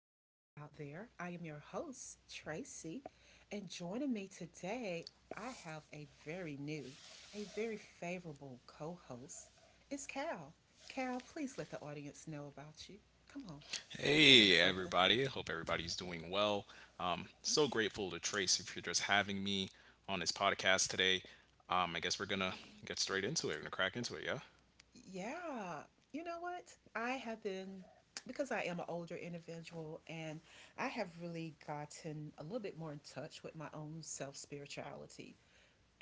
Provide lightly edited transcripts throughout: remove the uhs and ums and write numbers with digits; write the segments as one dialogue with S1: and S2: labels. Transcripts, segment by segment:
S1: out there. I am your host, Tracy, and joining me today, I have a very new, a very favorable co host. It's Cal. Cal, please let the audience know about you. Come on, give them
S2: Hey,
S1: something.
S2: everybody. Hope everybody's doing well. So
S1: Okay.
S2: grateful to Tracy for just having me on this podcast today. I guess we're going to
S1: Hey.
S2: get straight into it. We're going to crack into it, yeah?
S1: Yeah. You know what? I have been, because I am an older individual, and I have really gotten a little bit more in touch with my own self spirituality.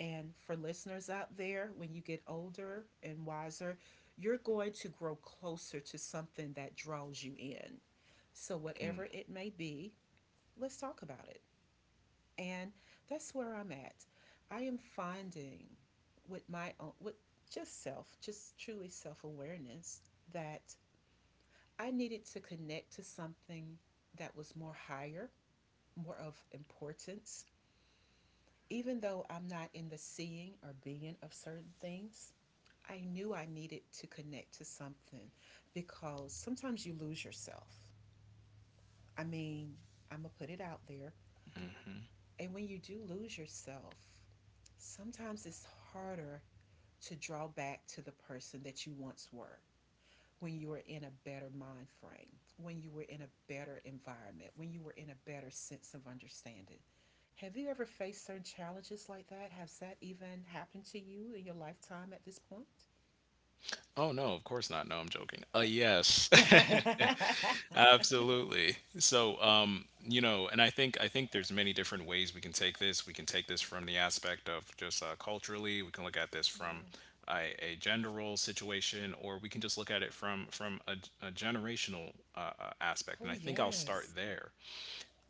S1: And for listeners out there, when you get older and wiser, you're going to grow closer to something that draws you in. So, whatever it may be, let's talk about it. And that's where I'm at. I am finding with just self, just truly self awareness, that I needed to connect to something that was more higher, more of importance. Even though I'm not in the seeing or being of certain things, I knew I needed to connect to something because sometimes you lose yourself. I mean, I'm going to put it out there. And when you do lose yourself, sometimes it's harder to draw back to the person that you once were when you were in a better mind frame, when you were in a better environment, when you were in a better sense of understanding. Have you ever faced certain challenges like that? Has that even happened to you in your lifetime at this point?
S2: Oh, no, of course not. No, I'm joking. Yes. Absolutely. So, you know, and I think there's many different ways we can take this. We can take this from the aspect of just culturally. We can look at this from
S1: Yeah.
S2: a gender role situation, or we can just look at it from a generational aspect. And
S1: Oh,
S2: I think I'll start
S1: yes.
S2: there.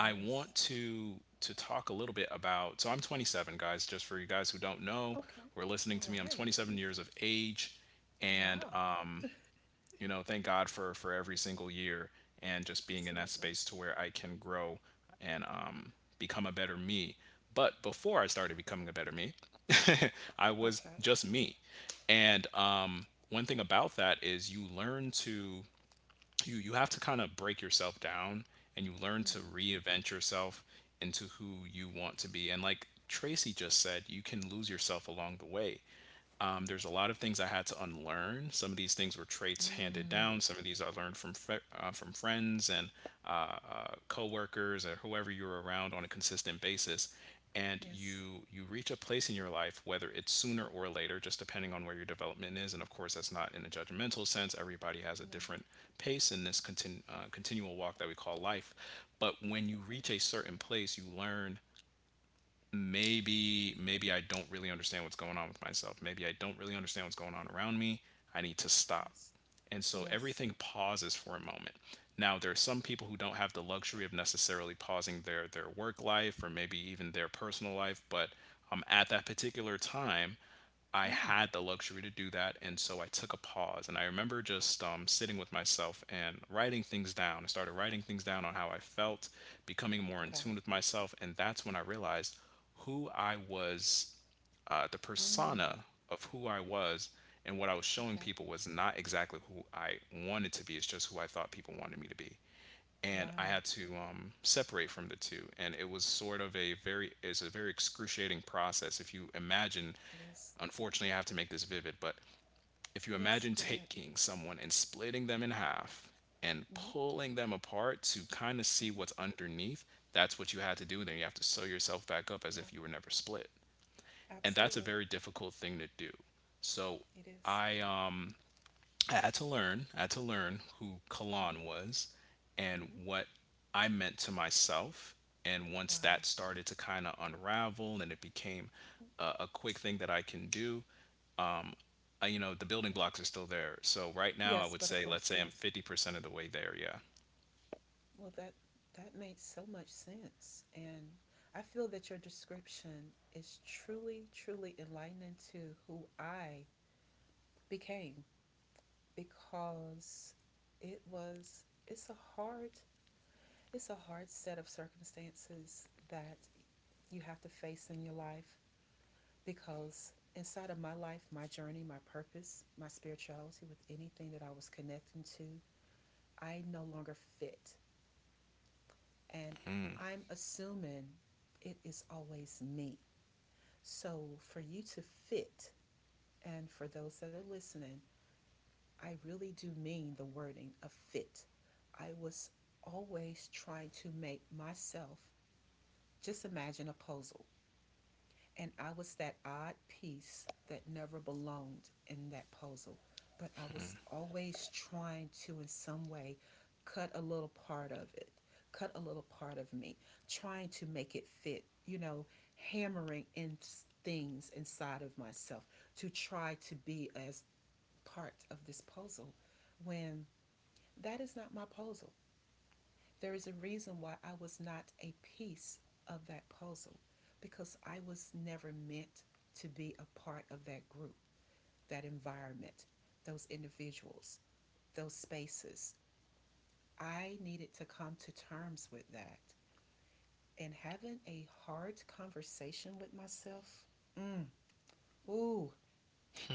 S2: I want to talk a little bit about. So I'm 27, guys. Just for you guys who don't know,
S1: Okay.
S2: who are listening
S1: All
S2: to me, I'm
S1: right.
S2: 27 years of age, and
S1: Wow.
S2: you know, thank god for every single year and just being in that
S1: Absolutely.
S2: space to where I can grow and become a better me. But before I started becoming a better me, I was
S1: Okay.
S2: just me. And one thing about that is you learn to, you have to kind of break yourself down and you learn to
S1: Hmm.
S2: reinvent yourself into who you want to be. And like Tracy just said, you can lose yourself along the way.
S1: Yeah.
S2: There's a lot of things I had to unlearn. Some of these things were traits handed
S1: Mm,
S2: down. Some of these I learned from from friends and uh, coworkers or whoever you're around on a consistent basis. And
S1: yes.
S2: you reach a place in your life, whether it's sooner or later, just depending on where your development is. And of course, that's not in a judgmental sense. Everybody has a
S1: No.
S2: different pace in this continual walk that we call life. But when you reach a certain place, you learn, maybe I don't really understand what's going on with myself. Maybe I don't really understand what's going on around me. I need to stop.
S1: Yes.
S2: And so
S1: Yes.
S2: everything pauses for a moment. Now, there are some people who don't have the luxury of necessarily pausing their work life or maybe even their personal life, but at that particular time, I
S1: Mm,
S2: had the luxury to do that. And so I took a pause. And I remember just sitting with myself and writing things down. I started writing things down on
S1: okay.
S2: how I felt, becoming more in tune
S1: Okay.
S2: with myself. And that's when I realized who I was, the
S1: Mm,
S2: persona of who I was and what I was showing
S1: okay.
S2: people was not exactly who I wanted to be. It's just who I thought people wanted me to be. And I
S1: Wow.
S2: had to separate from the two. And it was sort of a it's a very excruciating process. If you imagine,
S1: It is.
S2: unfortunately, I have to make this vivid, but if you
S1: Yes.
S2: imagine
S1: Go ahead.
S2: taking someone and splitting them in half and
S1: Hmm.
S2: pulling them apart to kind of see
S1: Hmm.
S2: what's underneath, that's what you had to do. And then you have to sew yourself back up as
S1: Yeah.
S2: if you were never split, and that's a
S1: Absolutely.
S2: very difficult thing to do. So
S1: It is.
S2: I um I had to learn, I had to learn who
S1: Yeah.
S2: Kalan was and
S1: Hmm.
S2: what I meant to myself. And once
S1: Wow.
S2: that started to kind of unravel and it became
S1: Mhm.
S2: a quick thing that I can do, you know, the building blocks are still there. So right now I
S1: Yes,
S2: would
S1: but of
S2: say, let's
S1: course,
S2: say I'm
S1: yes.
S2: 50% of the way there. Yeah,
S1: Well, that made so much sense, and I feel that your description is truly, truly enlightening to who I became because it was it's a hard set of circumstances that you have to face in your life because inside of my life, my journey, my purpose, my spirituality with anything that I was connecting to, I no longer fit. And I'm assuming it is always me. So for you to fit and for those that are listening, I really do mean the wording of fit. I was always trying to make myself just imagine a puzzle, and I was that odd piece that never belonged in that puzzle, but I was always trying to, in some way, cut a little part of it, cut a little part of me, trying to make it fit, you know, hammering in things inside of myself to try to be as part of this puzzle when that is not my puzzle. There is a reason why I was not a piece of that puzzle because I was never meant to be a part of that group, that environment, those individuals, those spaces. I needed to come to terms with that. And having a hard conversation with myself, mm, ooh,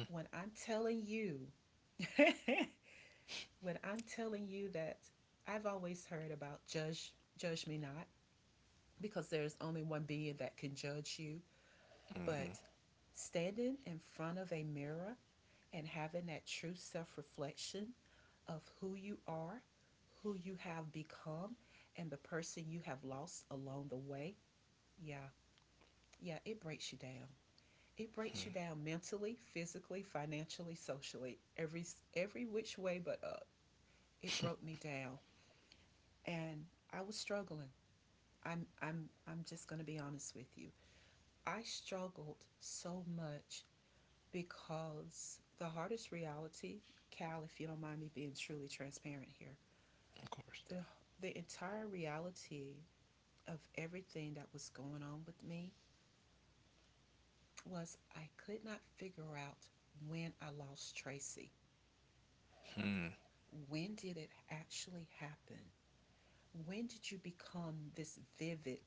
S1: when I'm telling you, when I'm telling you that I've always heard about judge me not because there's only one being that can judge you. But standing in front of a mirror and having that true self reflection of who you are, who you have become, and the person you have lost along the way, yeah, yeah, it breaks you down. It breaks you down mentally, physically, financially, socially, every which way but up. It broke me down, and I was struggling. I'm just going to be honest with you. I struggled so much because the hardest reality, Cal, if you don't mind me being truly transparent here,
S2: of course.
S1: the, the entire reality of everything that was going on with me was I could not figure out when I lost Tracy. When did it actually happen? When did you become this vivid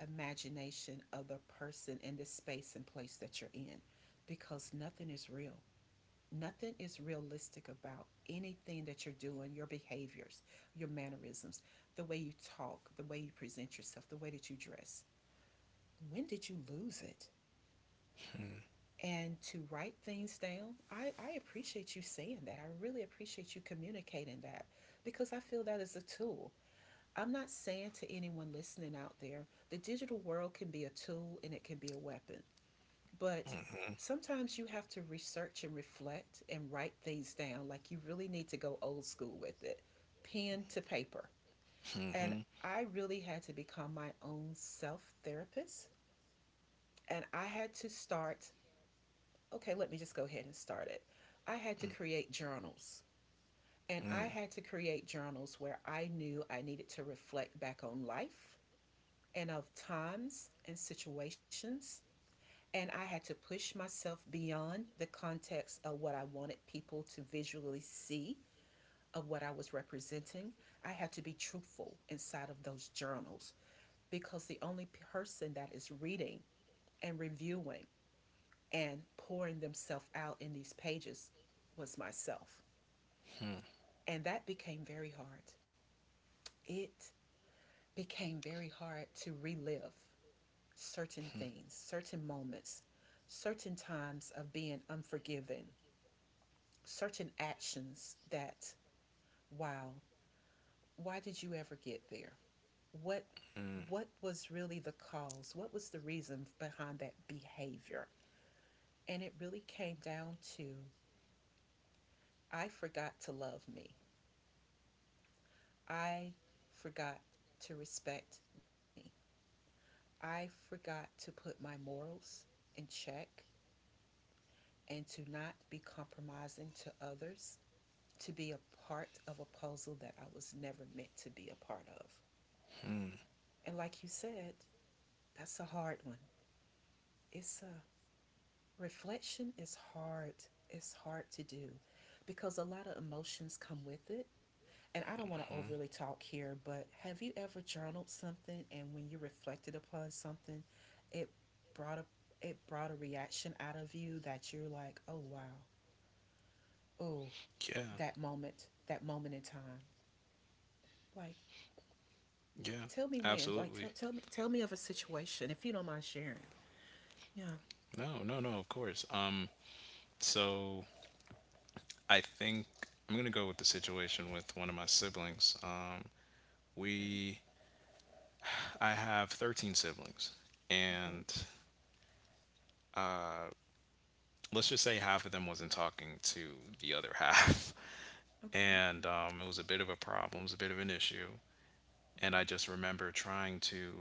S1: imagination of the person in the space and place that you're in? Because nothing is real. Nothing is realistic about anything that you're doing, your behaviors, your mannerisms, the way you talk, the way you present yourself, the way that you dress. When did you lose it? And to write things down, I appreciate you saying that. I really appreciate you communicating that because I feel that is a tool. I'm not saying to anyone listening out there, the digital world can be a tool and it can be a weapon. But sometimes you have to research and reflect and write things down. Like you really need to go old school with it, pen to paper. And I really had to become my own self therapist. And I had to start, okay, let me just go ahead and start it. I had to create journals. And I
S2: Mm,
S1: had to create journals where I knew I needed to reflect back on life and of times and situations. And I had to push myself beyond the context of what I wanted people to visually see of what I was representing. I had to be truthful inside of those journals because the only person that is reading and reviewing and pouring themselves out in these pages was myself. And that became very hard. It became very hard to relive certain things, certain moments, certain times of being unforgiving, certain actions that, wow, why did you ever get there? what what was really the cause? What was the reason behind that behavior? And it really came down to, I forgot to love me. I forgot to respect me. I forgot to put my morals in check and to not be compromising to others, to be a part of a puzzle that I was never meant to be a part of. And like you said, that's a hard one. It's a Reflection is hard. It's hard to do because a lot of emotions come with it. And I don't want to overly talk here, but have you ever journaled something and when you reflected upon something, it brought a it brought a reaction out of you that you're like, "Oh wow. Oh,
S2: yeah,
S1: that moment in time." Like,
S2: yeah,
S1: tell me when. Like tell
S2: absolutely.
S1: tell me tell me of a situation if you don't mind sharing. Yeah.
S2: No, no, no, of course. So I think I'm gonna go with the situation with one of my siblings.
S1: Okay.
S2: We I have 13 siblings,
S1: Okay.
S2: and let's just say half of them wasn't talking to the other half,
S1: Okay.
S2: and it was a bit of a problem, it was a bit of an issue, and
S1: Okay.
S2: I just remember trying to,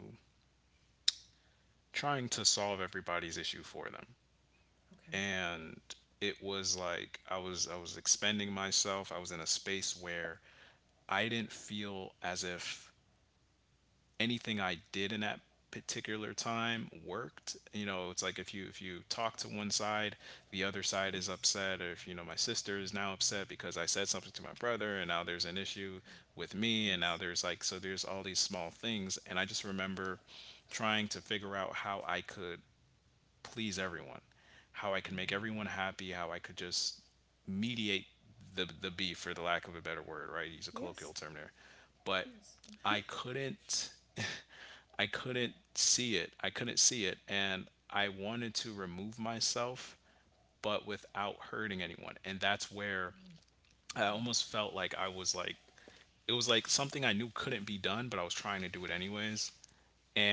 S2: trying to solve everybody's issue for them,
S1: Okay.
S2: and it was like I was expending myself. I was in a space where I didn't feel as if anything I did in that particular time worked. You know, it's like if you, if you talk to one side, the other side is
S1: Yes.
S2: upset. Or if you know, my sister is now upset because I said something to my brother and now there's an issue
S1: Okay.
S2: with me, and now
S1: Yes.
S2: there's like, so there's all these small things. And I just remember trying to figure out how I could please everyone, how I could make
S1: Wow.
S2: everyone happy, how I could just mediate the beef, for the lack of a better word, right? Use a
S1: Yes.
S2: colloquial term there. But
S1: Yes.
S2: i couldn't I couldn't see it. I couldn't see it. And I wanted to remove myself, but without hurting anyone. And that's where I almost felt like I was like, it was like something I knew couldn't be done, but I was trying to do it anyways.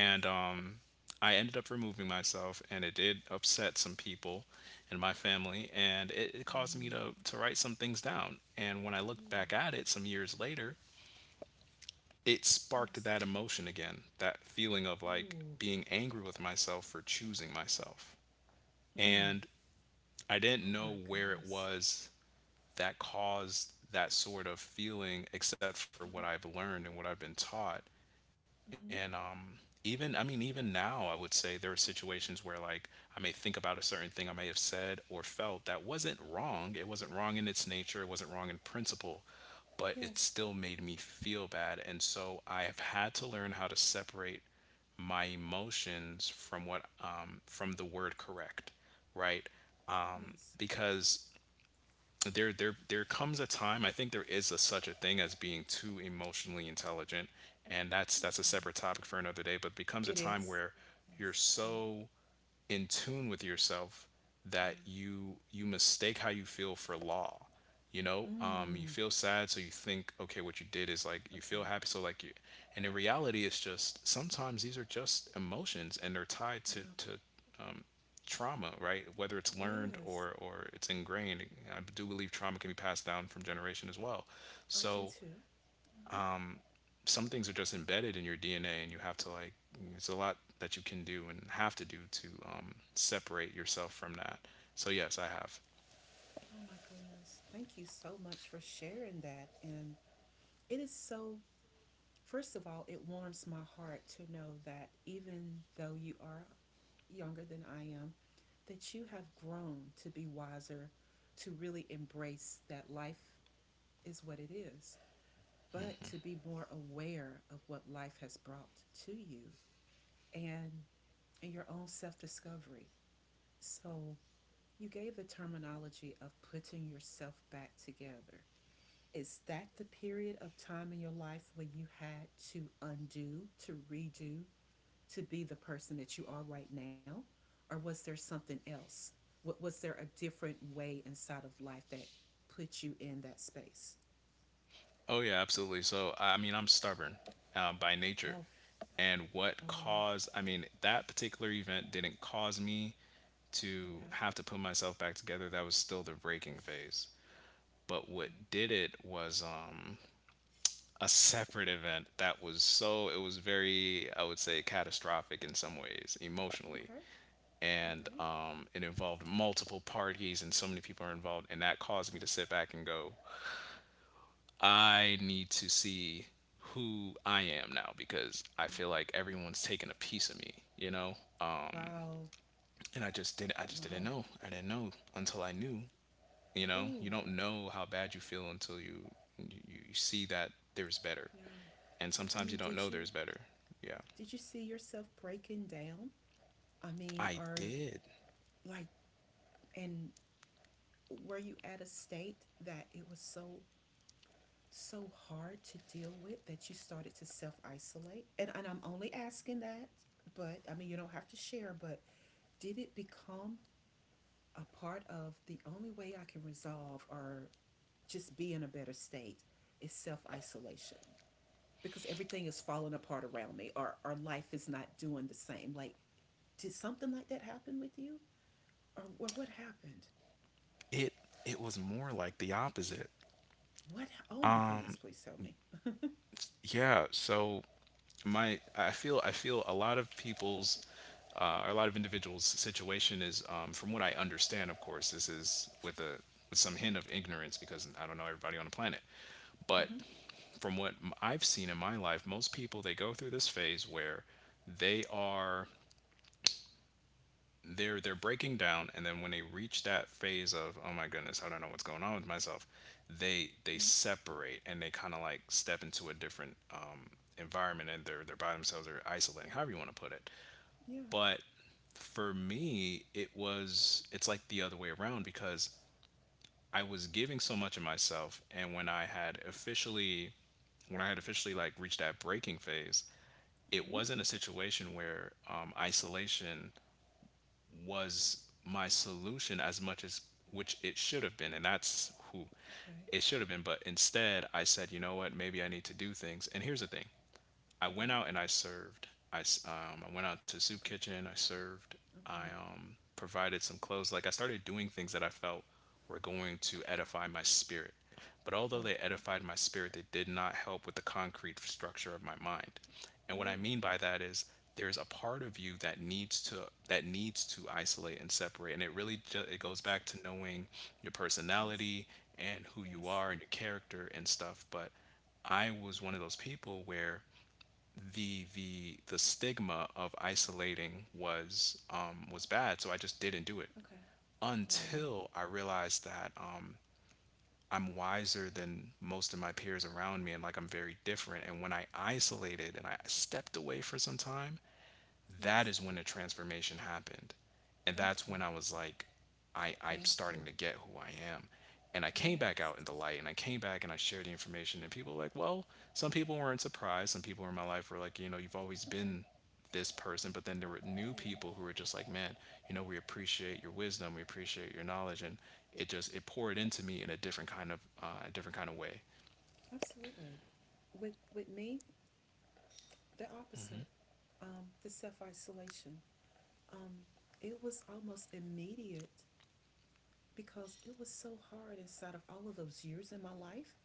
S1: Mm, mm, yes.
S2: I ended up removing myself, and it did upset some people in my family. And it caused me
S1: Mm.
S2: to write some things down. And when I looked
S1: Ooh.
S2: back at it some years later, it sparked
S1: Yes.
S2: that emotion again, that feeling of like
S1: Ooh.
S2: being angry with myself for choosing myself.
S1: Mm.
S2: And I didn't
S1: Oh
S2: know
S1: my
S2: where it
S1: goodness.
S2: was that
S1: Yeah.
S2: caused that sort of feeling, except for what I've learned and what I've been taught. And
S1: Mm-hmm. Mm-hmm.
S2: even, I mean, even now, I would say there are situations where like I may think about a certain thing I may have said or felt that wasn't wrong. It wasn't wrong in its nature, it wasn't wrong in principle, but it still
S1: Yes.
S2: made me feel bad. And so I have had to learn how to separate my emotions from what, from the word correct, right?
S1: Yes.
S2: Because there comes a time, I think there is a such a thing as being too emotionally intelligent, and that's a
S1: Okay.
S2: separate topic for another day. But becomes a
S1: It
S2: time
S1: is.
S2: where
S1: It
S2: you're
S1: is. Mm.
S2: so in tune with yourself that
S1: Yeah.
S2: you mistake how you feel for law. You know, you
S1: Mm.
S2: feel sad so you think okay what you did is like, you feel
S1: Okay.
S2: happy so like you. And in reality, it's just sometimes these are just emotions and they're tied
S1: Yeah.
S2: to trauma, right? Whether it's learned
S1: Yes.
S2: or it's ingrained, I do believe trauma can be passed down from generation as well.
S1: I do
S2: So
S1: too. Hmm.
S2: some things are just embedded in your DNA, and you have to like. It's a lot that you can do and have to do to separate yourself from that. So yes, I have.
S1: Oh my goodness. Thank you so much for sharing that. And it is so. First of all, it warms my heart to know that even though you are younger than I am, that you have grown to be wiser, to really embrace that life is what it is, but to be more aware of what life has brought to you and in your own self discovery. So, you gave the terminology of putting yourself back together. Is that the period of time in your life when you had to undo, to redo, to be the person that you are right now? Or was there something else? What was there a different way inside of life that put you in that space?
S2: Oh yeah, absolutely. So I mean, I'm stubborn by nature,
S1: Oh,
S2: and what
S1: oh wow.
S2: caused? I mean, that particular event didn't cause me to
S1: Okay.
S2: have to put myself back together, that was still the breaking phase, but what did it was a separate event that was, so it was very, I would say catastrophic in some ways emotionally.
S1: Okay. Okay.
S2: And
S1: Okay.
S2: it involved multiple parties and so many people are involved, and that caused me to sit back and go, I need to see who I am now, because I feel like everyone's taking a piece of me, you know?
S1: Wow. Wow.
S2: And I just didn't
S1: Wow.
S2: know, I didn't know until I knew. You know, you
S1: Ooh,
S2: don't know how bad you feel until you, you see that there's better.
S1: yeah.
S2: And
S1: I
S2: sometimes you
S1: mean,
S2: don't know
S1: did
S2: there's
S1: you
S2: better. Yeah,
S1: did you see yourself breaking down? I mean,
S2: I
S1: or
S2: did.
S1: like, and were you at a state that it was so so hard to deal with that you started to self isolate? And I'm only asking that, but I mean, you don't have to share, but did it become a part of the only way I can resolve or just be in a better state is self isolation? Because everything is falling apart around me, or life is not doing the same. Like, did something like that happen with you? Or what happened?
S2: it it was more like the opposite.
S1: What? Oh my goodness, please tell me.
S2: Yeah, so my I feel, I feel a lot of people's, or a lot of individuals situation is, from what I understand, of course this is with a, with some hint of ignorance because I don't know everybody on the planet, but
S1: Mm-hmm.
S2: from what I've seen in my life, most people, they go through this phase where they are they're breaking down. And then when they reach that phase of, oh my goodness, I don't know what's going on with myself, they
S1: Yeah.
S2: separate and they kind of like step into a different environment, and they're by themselves, they're isolating, however you want to put it.
S1: Yeah.
S2: But for me, it was, it's like the other way around, because I was giving so much of myself. And when I had officially, when I had officially like reached that breaking phase, it
S1: Mm-hmm.
S2: wasn't a situation where isolation was my solution as much as, which it should have been, and that's who
S1: Okay.
S2: it should have been. But instead I said, you know what, maybe I need to do things. And here's the thing, I went
S1: Okay.
S2: out and I served. I went out to the soup
S1: Okay.
S2: kitchen. I served. I
S1: Okay.
S2: provided some clothes. Like I started doing things that I felt were going to
S1: Okay.
S2: edify my spirit. But although
S1: Okay.
S2: they edified my spirit, they did not help with the concrete structure of my mind. And what I
S1: Oh,
S2: mean by that is there's a part of you that needs to isolate and separate. And it really it goes
S1: yes.
S2: back to knowing your
S1: Yes.
S2: personality and who you
S1: Yes.
S2: are and your character and stuff. But I was
S1: Yeah.
S2: one of those people where the stigma of isolating was bad, so I just didn't do it
S1: Okay. Oh, wow.
S2: until I realized that I'm wiser than most of my peers around me, and like I'm very different.
S1: Okay.
S2: And when I isolated and I stepped away for some time, that
S1: Yes.
S2: is when the transformation happened. And
S1: Thank
S2: that's
S1: you.
S2: when I was like, I'm
S1: Thank
S2: starting
S1: you.
S2: to get who I am. And I came back out
S1: Yes.
S2: in the light and I came back and I shared the information. And people were like, well, some people weren't surprised. Some people in my life were like, you know, you've always
S1: Okay.
S2: been this person. But then there were new
S1: Yeah.
S2: people who were just like, man, you know, we appreciate your wisdom. We appreciate your knowledge. And it poured into me in a different kind of, a different kind of way.
S1: Absolutely. With me, the opposite. The self-isolation. Um, it was almost immediate because it was so hard inside of all of those years in my life,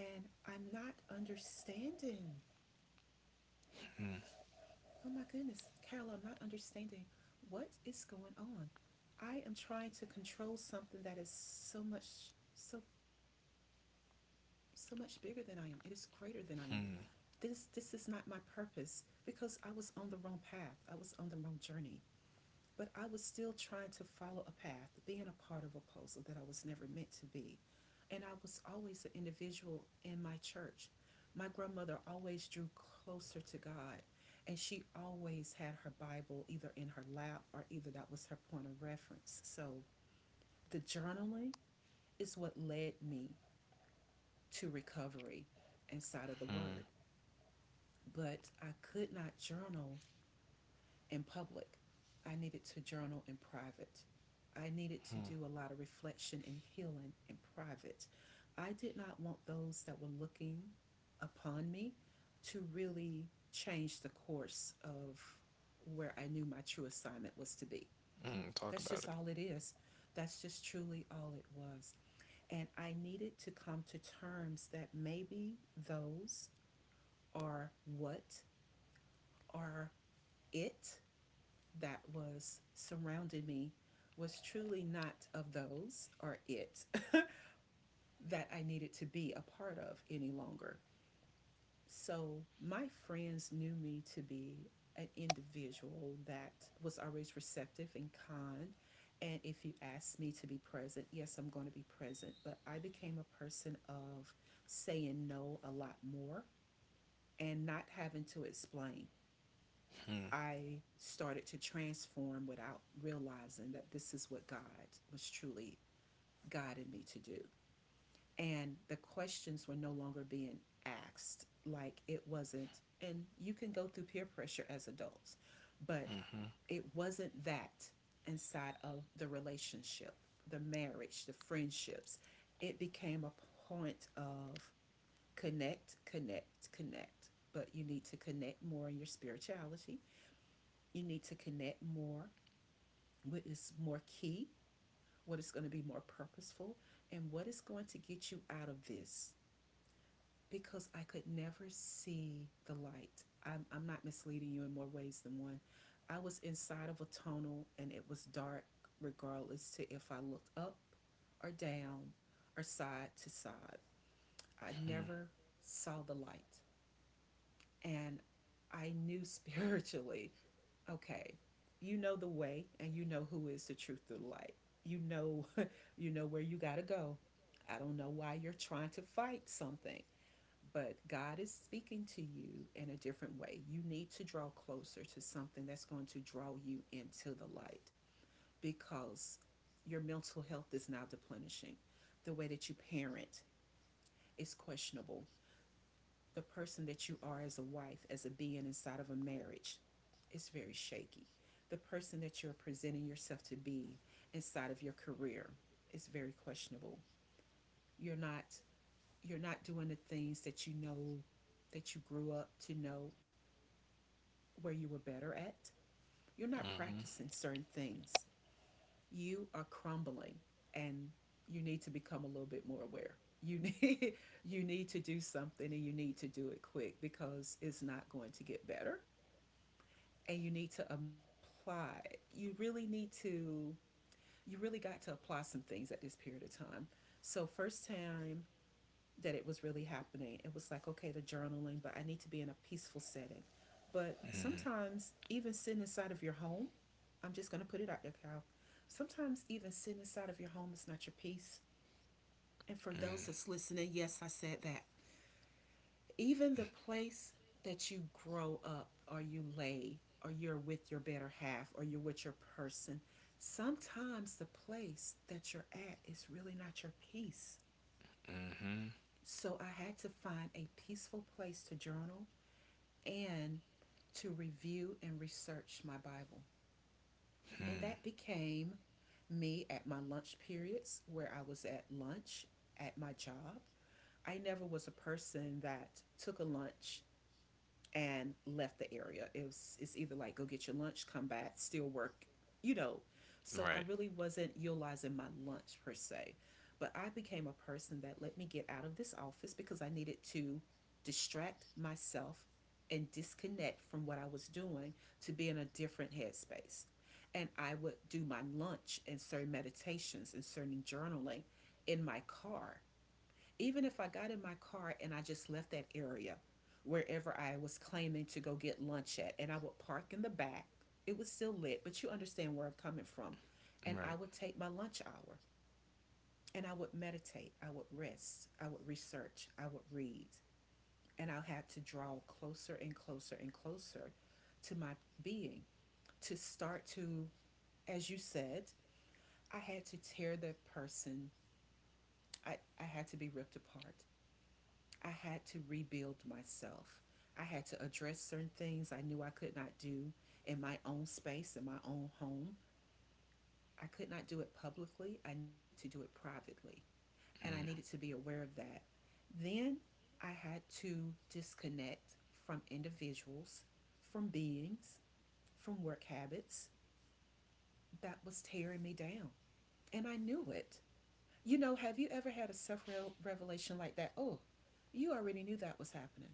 S1: and I'm not understanding. Oh my goodness, Carol, I'm not understanding. What is going on? I am trying to control something that is so much, so so much bigger than I am. It is greater than I am. This is not
S2: Hmm.
S1: my purpose because I was on the wrong path. I was on the wrong journey. But I was still trying to follow a path, being a part of a puzzle that I was never meant to be. And I was always an individual in my church. My grandmother always drew closer to God, and she always had her Bible either in her lap or either that was her point of reference. So the journaling is what led me to recovery inside of the Word. But I could not journal in public. I needed to journal in private. I needed to do a lot of reflection and healing in private. I did not want those that were looking upon me to really change the course of where I knew my true assignment was to be.
S2: Mm, talk
S1: That's
S2: about
S1: just
S2: it.
S1: all it is. That's just truly all it was. And I needed to come to terms that maybe those are what are it that was surrounding me was truly not of those or it that I needed to be a part of any longer. So my friends knew me to be an individual that was always receptive and kind. And if you asked me to be present, yes, I'm going to be present. But I became a person of saying no a lot more and not having to explain.
S2: Hmm.
S1: I started to transform without realizing that this is what God was truly guiding me to do. And the questions were no longer being asked like it wasn't. And you can go through peer pressure as adults, but
S2: Mm-hmm.
S1: it wasn't that inside of the relationship, the marriage, the friendships. It became a point of connect, connect, connect. But you need to connect more in your spirituality. You need to connect more what is more key, what is going to be more purposeful, and what is going to get you out of this. Because I could never see the light. I'm not misleading you in more ways than one. I was inside of a tunnel and it was dark, regardless to if I looked up or down or side to side. I never saw the light. And I knew spiritually okay, you know the way and you know who is the truth of the light. You know you know where you got to go. I don't know why you're trying to fight something, but God is speaking to you in a different way. You need to draw closer to something that's going to draw you into the light because your mental health is now deplenishing. The way that you parent is questionable, the person that you are as a wife, as a being inside of a marriage, is very shaky. The person that you're presenting yourself to be inside of your career is very questionable. You're not you're not doing the things that you know that you grew up to know where you were better at. You're not
S2: Mm-hmm.
S1: practicing certain things. You are crumbling and you need to become a little bit more aware. You need you need to do something and you need to do it quick, because it's not going to get better and you need to apply. You really need to, you really got to apply some things at this period of time. So, first time that it was really happening, it was like, okay, the journaling, but I need to be in a peaceful setting. But sometimes, even sitting inside of your home, I'm just going to put it out there, Cal. Sometimes, even sitting inside of your home is not your peace. And for those that's listening, yes, I said that, even the place that you grow up or you lay or you're with your better half or you're with your person, sometimes the place that you're at is really not your peace.
S2: Mm-hmm.
S1: So I had to find a peaceful place to journal and to review and research my Bible. And that became me at my lunch periods, where I was at lunch at my job. I never was a person that took a lunch and left the area. It was, it's either like go get your lunch, come back, still work, you know. So I
S2: Right.
S1: really wasn't utilizing my lunch per se. But I became a person that, let me get out of this office, because I needed to distract myself and disconnect from what I was doing to be in a different headspace. And I would do my lunch and certain meditations and certain journaling in my car. Even if I got in my car and I just left that area, wherever I was claiming to go get lunch at, and I would park in the back, it was still lit, but you understand where I'm coming from. And I
S2: Right.
S1: would take my lunch hour and I would meditate, I would rest, I would research, I would read, and I had to draw closer and closer and closer to my being, to start to, as you said, I had to tear the person, I had to be ripped apart. I had to rebuild myself. I had to address certain things I knew I could not do in my own space, in my own home. I could not do it publicly. I needed to do it privately. And I needed to be aware of that. Then I had to disconnect from individuals, from beings, from work habits that was tearing me down. And I knew it. You know, have you ever had a self revelation like that? Oh, you already knew that was happening,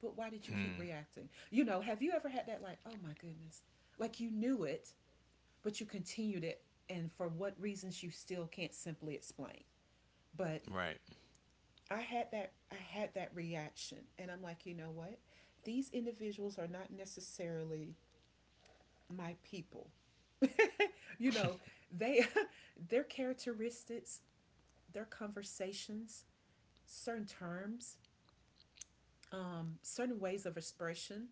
S1: but why did you keep reacting? You know, have you ever had that, like, oh my goodness, like you knew it, but you continued it, and for what reasons you still can't simply explain. But
S2: Right.
S1: I had that reaction, and I'm like, you know what? These individuals are not necessarily my people. You know, they their characteristics, their conversations, certain terms, certain ways of expression.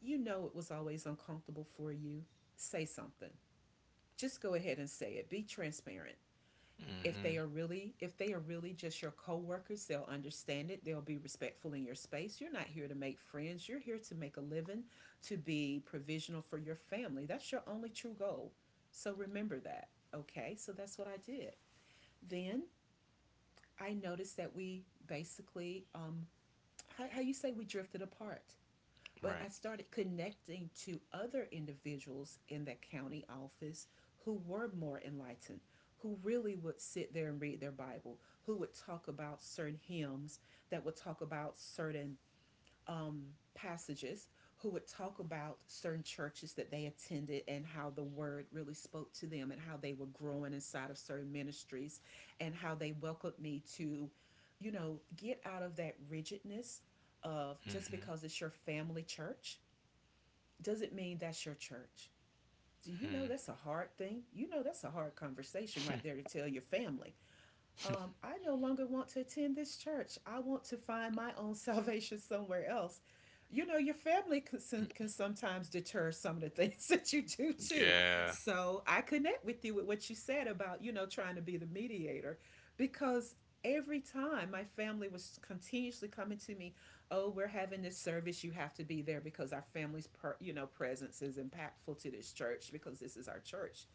S1: You know it was always uncomfortable for you. Say something. Just go ahead and say it. Be transparent. If they are really just your coworkers, they'll understand it. They'll be respectful in your space. You're not here to make friends. You're here to make a living, to be provisional for your family. That's your only true goal. So remember that. Okay? So that's what I did. Then I noticed that we basically how you say, we drifted apart. But I
S2: Right.
S1: started connecting to other individuals in that county office who were more enlightened, who really would sit there and read their Bible, who would talk about certain hymns, that would talk about certain um, passages, who would talk about certain churches that they attended and how the word really spoke to them and how they were growing inside of certain ministries, and how they welcomed me to, you know, get out of that rigidness of, just
S2: Mm-hmm.
S1: because it's your family church doesn't mean that's your church. Do you know that's a hard thing? You know that's a hard conversation right there, to tell your family, I no longer want to attend this church. I want to find my own salvation somewhere else. You know, your family can sometimes deter some of the things that you do too.
S2: Yeah.
S1: So I connect with you with what you said about, you know, trying to be the mediator, because every time my family was continuously coming to me, oh, we're having this service. You have to be there because our family's, you know, presence is impactful to this church because this is our church.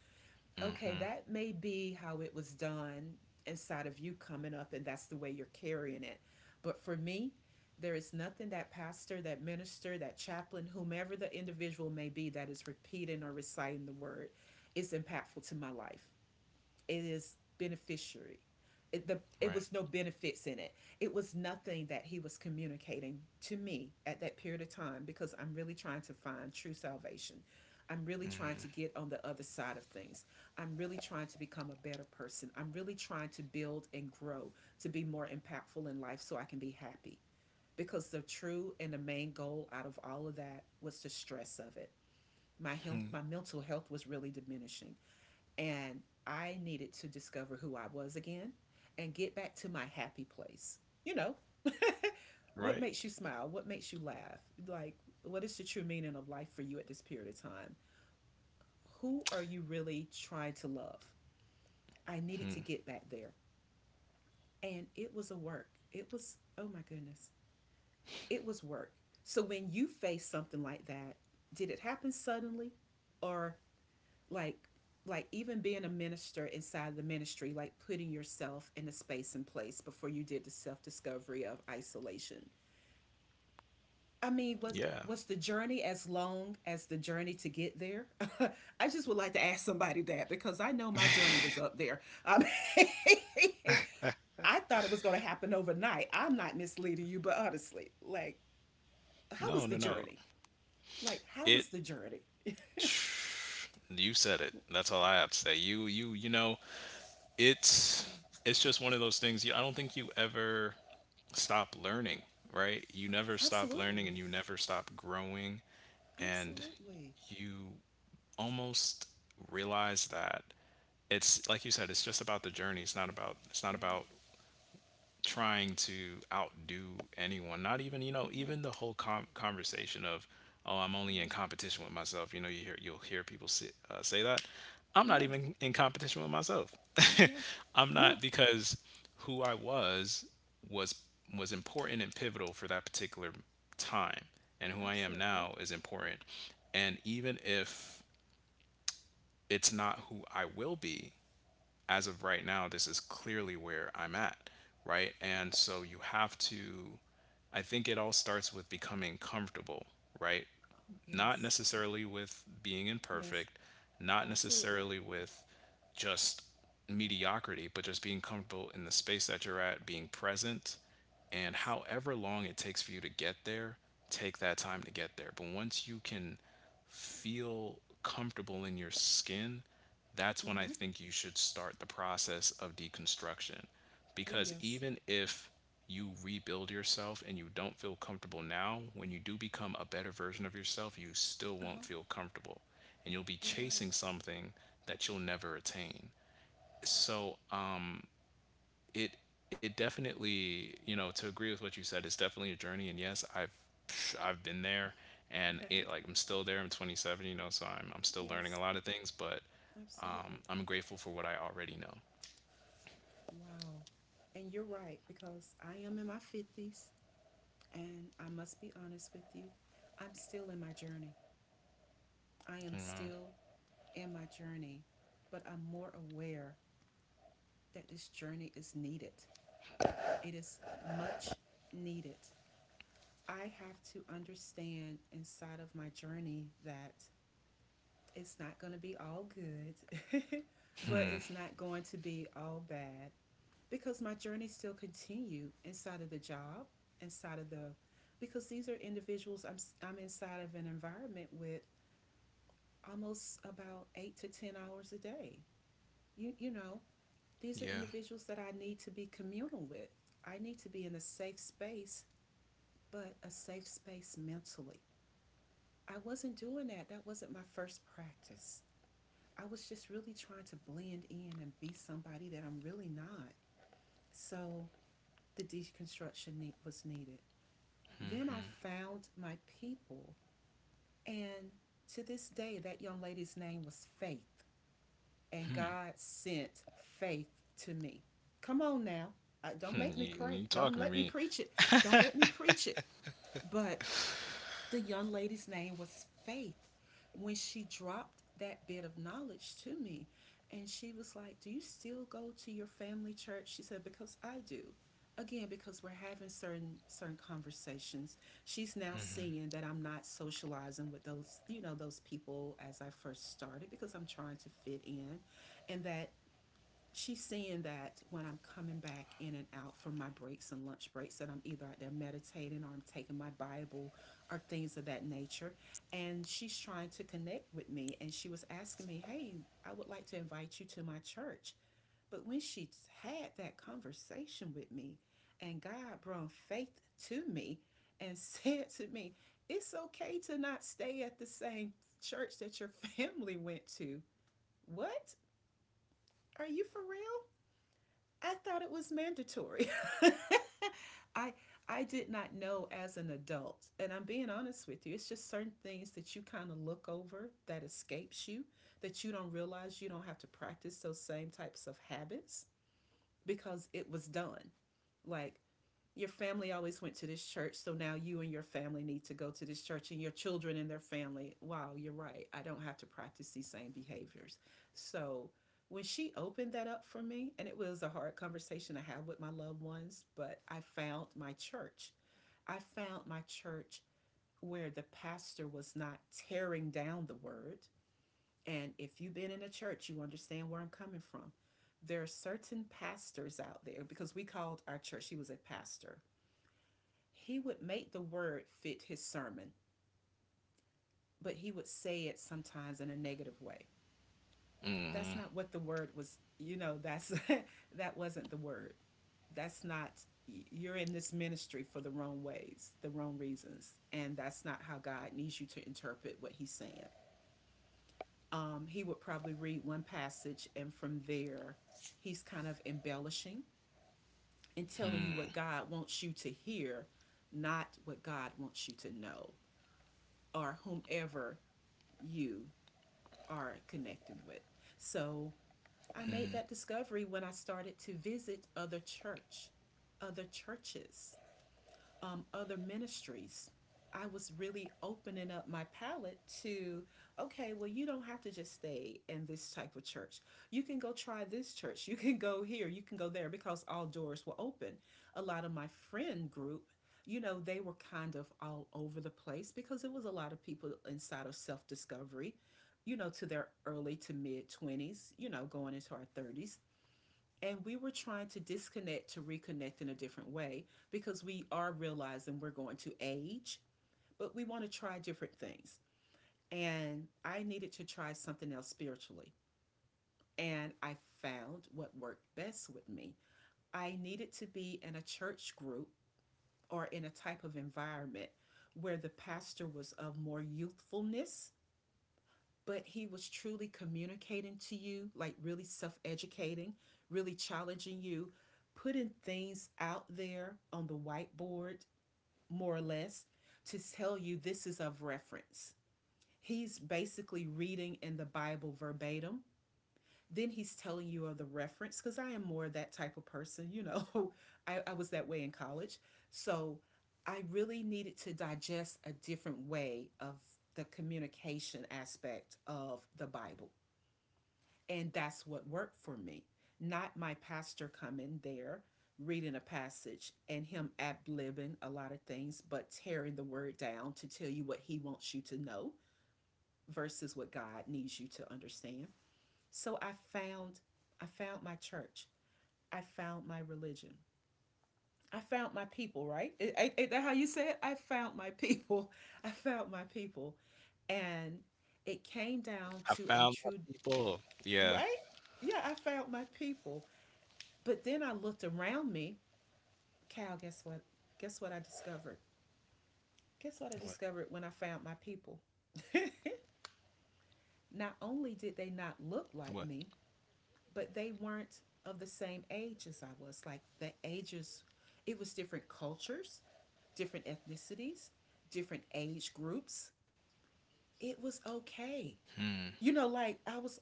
S1: Okay,
S2: Mm-hmm.
S1: that may be how it was done inside of you coming up, and that's the way you're carrying it. But for me, there is nothing that pastor, that minister, that chaplain, whomever the individual may be that is repeating or reciting the word, is impactful to my life. It is beneficiary. It
S2: Right.
S1: was no benefits in it. It was nothing that he was communicating to me at that period of time, because I'm really trying to find true salvation. I'm really trying to get on the other side of things. I'm really trying to become a better person. I'm really trying to build and grow to be more impactful in life so I can be happy. Because the true and the main goal out of all of that was the stress of it. My health,
S2: Hmm.
S1: my mental health was really diminishing. And I needed to discover who I was again and get back to my happy place. You know, what
S2: Right.
S1: makes you smile? What makes you laugh? Like, what is the true meaning of life for you at this period of time? Who are you really trying to love? I needed to
S2: Hmm.
S1: get back there. And it was a work. It was, oh my goodness, it was work. So when you face something like that, did it happen suddenly, or, like like even being a minister inside the ministry, like putting yourself in a space and place before you did the self-discovery of isolation, I mean, was
S2: Yeah.
S1: was the journey as long as the journey to get there? I just would like to ask somebody that because I know my journey was up there, I mean. I thought it was going to happen overnight. I'm not misleading you, but honestly, like, how
S2: No,
S1: was the
S2: no, no.
S1: journey how
S2: It
S1: was the journey?
S2: You said it. That's all I have to say. You know,
S1: Yeah.
S2: it's it's just one of those things you, I don't think you ever stop learning, right? You never stop learning
S1: Absolutely.
S2: and you never stop growing, and
S1: Absolutely.
S2: you almost realize that it's like you said, it's just about the journey. It's not
S1: Yeah,
S2: about trying to outdo anyone, not even, you know,
S1: yeah,
S2: even the whole conversation of, oh, I'm only
S1: yeah.
S2: in competition with myself. You know, you hear, you'll hear people say, say that I'm not
S1: Yes.
S2: even in competition with myself.
S1: No.
S2: I'm
S1: No.
S2: not, because who I was was important and pivotal for that particular time, and who I am
S1: Absolutely.
S2: now is important. And even if it's not who I will be, as of right now, this is clearly where I'm at, right? And
S1: Yes.
S2: so you have to, I think it all starts with becoming comfortable, right?
S1: Oh,
S2: Not
S1: yes.
S2: necessarily with being
S1: Yes.
S2: imperfect, not
S1: Absolutely.
S2: necessarily with just mediocrity, but just being comfortable in the space that you're at, being present, and
S1: Yes.
S2: however long it takes for you to get there, take that time to get there. But once you can feel comfortable in your skin, that's when I
S1: Mm-hmm.
S2: think you should start the process of deconstruction.
S1: Oh,
S2: Because
S1: yes.
S2: even if you rebuild yourself and you don't feel comfortable now, when you do become a better version of yourself, you still
S1: Uh-huh.
S2: won't feel comfortable. And you'll be
S1: You're
S2: chasing
S1: right.
S2: something that you'll never attain. So it it definitely, you know, to agree with what you said, it's definitely a journey. And yes, I've, I've been there, and it like I'm still there. I'm 27, you know, so I'm still learning a
S1: Yes.
S2: lot of things, but
S1: Absolutely.
S2: I'm grateful for what I already know.
S1: Wow. And you're right, because I am in my 50s, and I must be honest with you. I'm still in my journey. I am still in my journey, but I'm more aware that this journey is needed. It is much needed. I have to understand inside of my journey that it's not going to be all good, but it's not going to be all bad, because my journey still continue inside of the job, inside of the because these are individuals I'm inside of an environment with almost about 8 to 10 hours a day. You know, these are
S2: Yeah.
S1: individuals that I need to be communal with. I need to be in a safe space, but a safe space mentally. I wasn't doing that. That wasn't my first practice. I was just really trying to blend in and be somebody that I'm really not. So the deconstruction need, was needed. Then I found my people. And to this day, that young lady's name was Faith. And God sent Faith to me. Come on now. I, don't
S2: Hmm,
S1: make me pray.
S2: you
S1: Don't
S2: talking to
S1: let me
S2: me?
S1: preach it. Don't let me preach it. But the young lady's name was Faith. When she dropped that bit of knowledge to me, and she was like, "Do you still go to your family church?" She said, "Because I do." Again, because we're having certain conversations. She's now seeing that I'm not socializing with those, you know, those people as I first started, because I'm trying to fit in, and that she's seeing that when I'm coming back in and out from my breaks and lunch breaks, that I'm either out there meditating or I'm taking my Bible or things of that nature. And she's trying to connect with me. And she was asking me, "Hey, I would like to invite you to my church." But when she had that conversation with me, and God brought faith to me, and said to me, it's okay to not stay at the same church that your family went to. What? Are you for real? I thought it was mandatory. I I did not know as an adult, and I'm being honest with you. It's just certain things that you kind of look over that escapes you, that you don't realize you don't have to practice those same types of habits, because it was done. Like, your family always went to this church, so now you and your family need to go to this church and your children and their family. Wow, you're right. I don't have to practice these same behaviors. So when she opened that up for me, and it was a hard conversation to have with my loved ones, but I found my church. I found my church where the pastor was not tearing down the word. And if you've been in a church, you understand where I'm coming from. There are certain pastors out there, because we called our church, she was a pastor, he would make the word fit his sermon, but he would say it sometimes in a negative way.
S2: Mm,
S1: That's not what the word was, you know, that's that wasn't the word. That's not, you're in this ministry for the wrong ways, the wrong reasons, and that's not how God needs you to interpret what he's saying. He would probably read one passage, and from there he's kind of embellishing and telling you
S2: hmm,
S1: what God wants you to hear, not what God wants you to know, or whomever you are connecting with. So I made
S2: hmm.
S1: that discovery when I started to visit other churches, other ministries. I was really opening up my palette to, okay, well, you don't have to just stay in this type of church. You can go try this church. You can go here. You can go there, because all doors were open. A lot of my friend group, you know, they were kind of all over the place, because it was a lot of people inside of self discovery, you know, to their early to mid 20s, you know, going into our 30s. And we were trying to disconnect to reconnect in a different way, because we are realizing we're going to age, but we want to try different things. And I needed to try something else spiritually. And I found what worked best with me. I needed to be in a church group or in a type of environment where the pastor was of more youthfulness, but he was truly communicating to you, like really self educating, really challenging you, putting things out there on the whiteboard, more or less, to tell you this is of reference. He's basically reading in the Bible verbatim. Then he's telling you of the reference, because I am more that type of person, you know. I was that way in college. So I really needed to digest a different way of the communication aspect of the Bible. And that's what worked for me. Not my pastor coming there, reading a passage, and him ad libbing a lot of things, but tearing the word down to tell you what he wants you to know versus what God needs you to understand. So found I found my church. I found my religion. I found my people, right? Is, that how you say it? I found my people. I found my people. And it
S2: I
S1: came
S2: found my
S1: down to a
S2: people,
S1: true,
S2: yeah.
S1: right? Yeah, I found my people. But then I looked around me. Cal, guess what? Guess what I discovered? Guess what I
S2: What?
S1: discovered when I found my people? Not only did they not
S2: What?
S1: look like me, but they weren't of the same age as I was. Like, the ages, it was different cultures, different ethnicities, different age groups. It was okay. You know, like I was,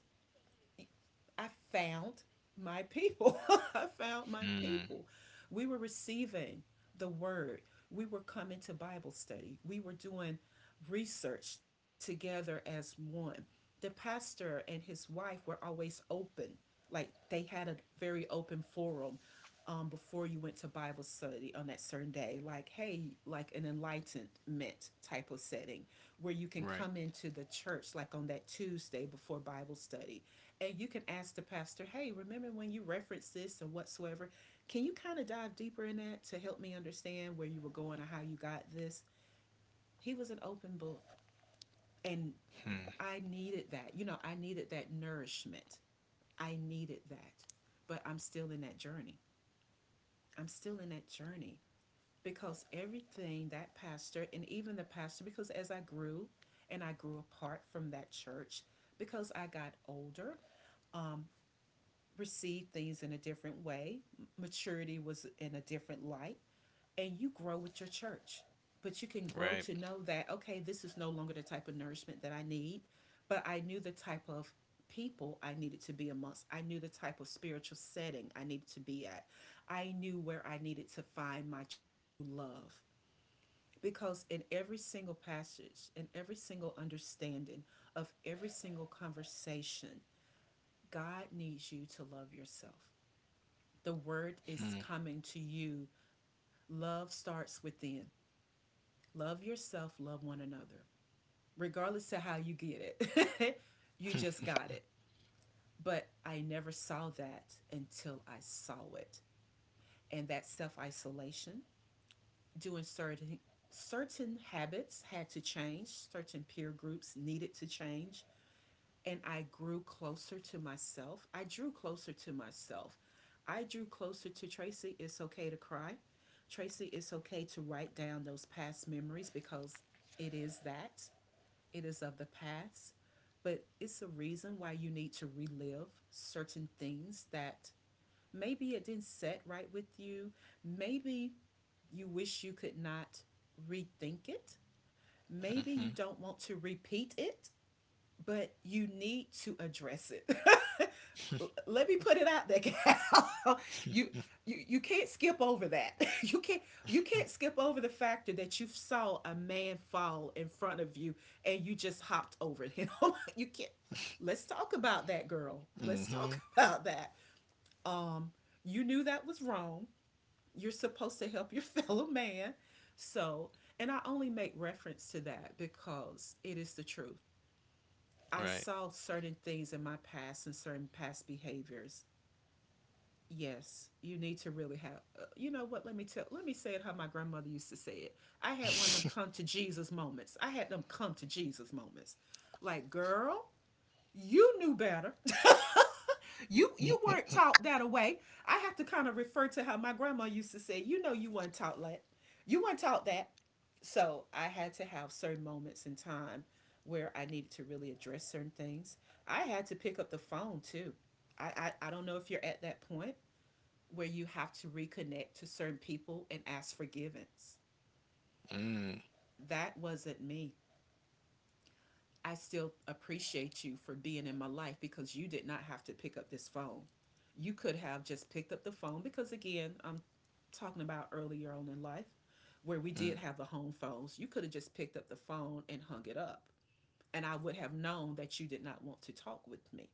S1: I found my people. I found my people. We were receiving the word. We were coming to Bible study. We were doing research together as one. The pastor and his wife were always open. Like, they had a very open forum, before you went to Bible study on that certain day, like, hey, like an enlightenment type of setting where you can
S2: Right.
S1: come into the church, like on that Tuesday before Bible study, and you can ask the pastor, "Hey, remember when you referenced this and whatsoever? Can you kind of dive deeper in that to help me understand where you were going or how you got this?" He was an open book, and
S2: Hmm,
S1: I needed that. You know, I needed that nourishment. I needed that, but I'm still in that journey. I'm still in that journey, because everything that pastor, and even the pastor, because as I grew and I grew apart from that church, because I got older, um, received things in a different way. Maturity was in a different light, and you grow with your church. But you can grow
S2: right.
S1: to know that, okay, this is no longer the type of nourishment that I need, but I knew the type of people I needed to be amongst. I knew the type of spiritual setting I needed to be at. I knew where I needed to find my true love. Because in every single passage, in every single understanding of every single conversation, God needs you to love yourself. The word is
S2: Hmm,
S1: coming to you. Love starts within. Love yourself, love one another. Regardless of how you get it, you just got it. But I never saw that until I saw it. And that self isolation, doing certain habits had to change, certain peer groups needed to change, and I grew closer to myself. I drew closer to myself. I drew closer to Tracy. It's okay to cry. Tracy, it's okay to write down those past memories, because it is that. It is of the past. But it's a reason why you need to relive certain things that maybe it didn't set right with you. Maybe you wish you could not rethink it. Maybe you don't want to repeat it, but you need to address it. Let me put it out there, Cal. you you can't skip over that. you can't you can't skip over the factor that you saw a man fall in front of you and you just hopped over him. You know, you can't. Let's talk about that, girl. Let's
S2: hmm,
S1: talk about that. Um, you knew that was wrong. You're supposed to help your fellow man. So, and I only make reference to that because it is the truth. I
S2: right.
S1: saw certain things in my past and certain past behaviors, yes, you need to really have you know what, let me say it how my grandmother used to say it. I had one of them come to Jesus moments. I had them come to Jesus moments. Like, girl, you knew better. You weren't taught that away. I have to kind of refer to how my grandma used to say, you know, you weren't taught that. You weren't taught that. So I had to have certain moments in time where I needed to really address certain things. I had to pick up the phone too. i I don't know if you're at that point where you have to reconnect to certain people and ask forgiveness.
S2: Mm.
S1: That wasn't me. I still appreciate you for being in my life because you did not have to pick up this phone. You could have just picked up the phone because, again, I'm talking about earlier on in life where we did have the home phones. You could have just picked up the phone and hung it up. And I would have known that you did not want to talk with me.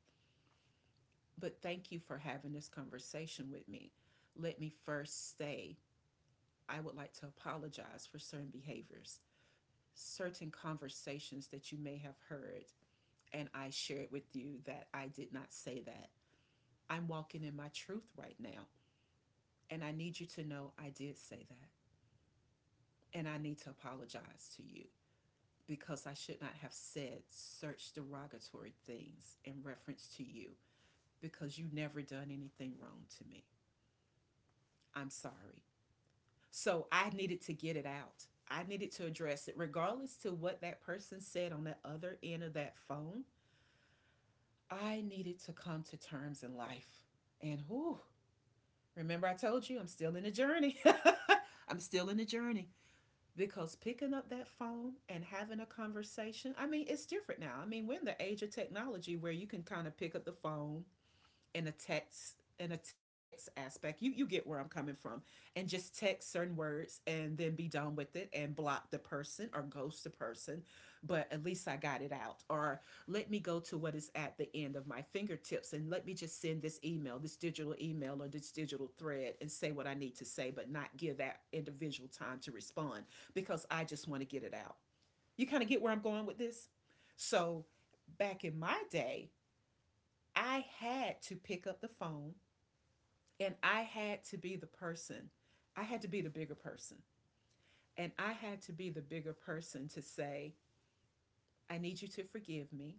S1: But thank you for having this conversation with me. Let me first say, I would like to apologize for certain behaviors, certain conversations that you may have heard, and I shared with you that I did not say that. I'm walking in my truth right now, and I need you to know I did say that, and I need to apologize to you because I should not have said such derogatory things in reference to you because you never done anything wrong to me. I'm sorry. So I needed to get it out. I needed to address it, regardless to what that person said on the other end of that phone. I needed to come to terms in life. And whoo, remember I told you I'm still in the journey. I'm still in the journey because picking up that phone and having a conversation, I mean, it's different now. I mean, we're in the age of technology where you can kind of pick up the phone in a text aspect. You get where I'm coming from, and just text certain words and then be done with it and block the person or ghost the person. But at least I got it out. Or let me go to what is at the end of my fingertips and let me just send this email, this digital email or this digital thread, and say what I need to say but not give that individual time to respond because I just want to get it out. You kind of get where I'm going with this. So back in my day, I had to pick up the phone, and I had to be the person. I had to be the bigger person. And I had to be the bigger person to say, I need you to forgive me,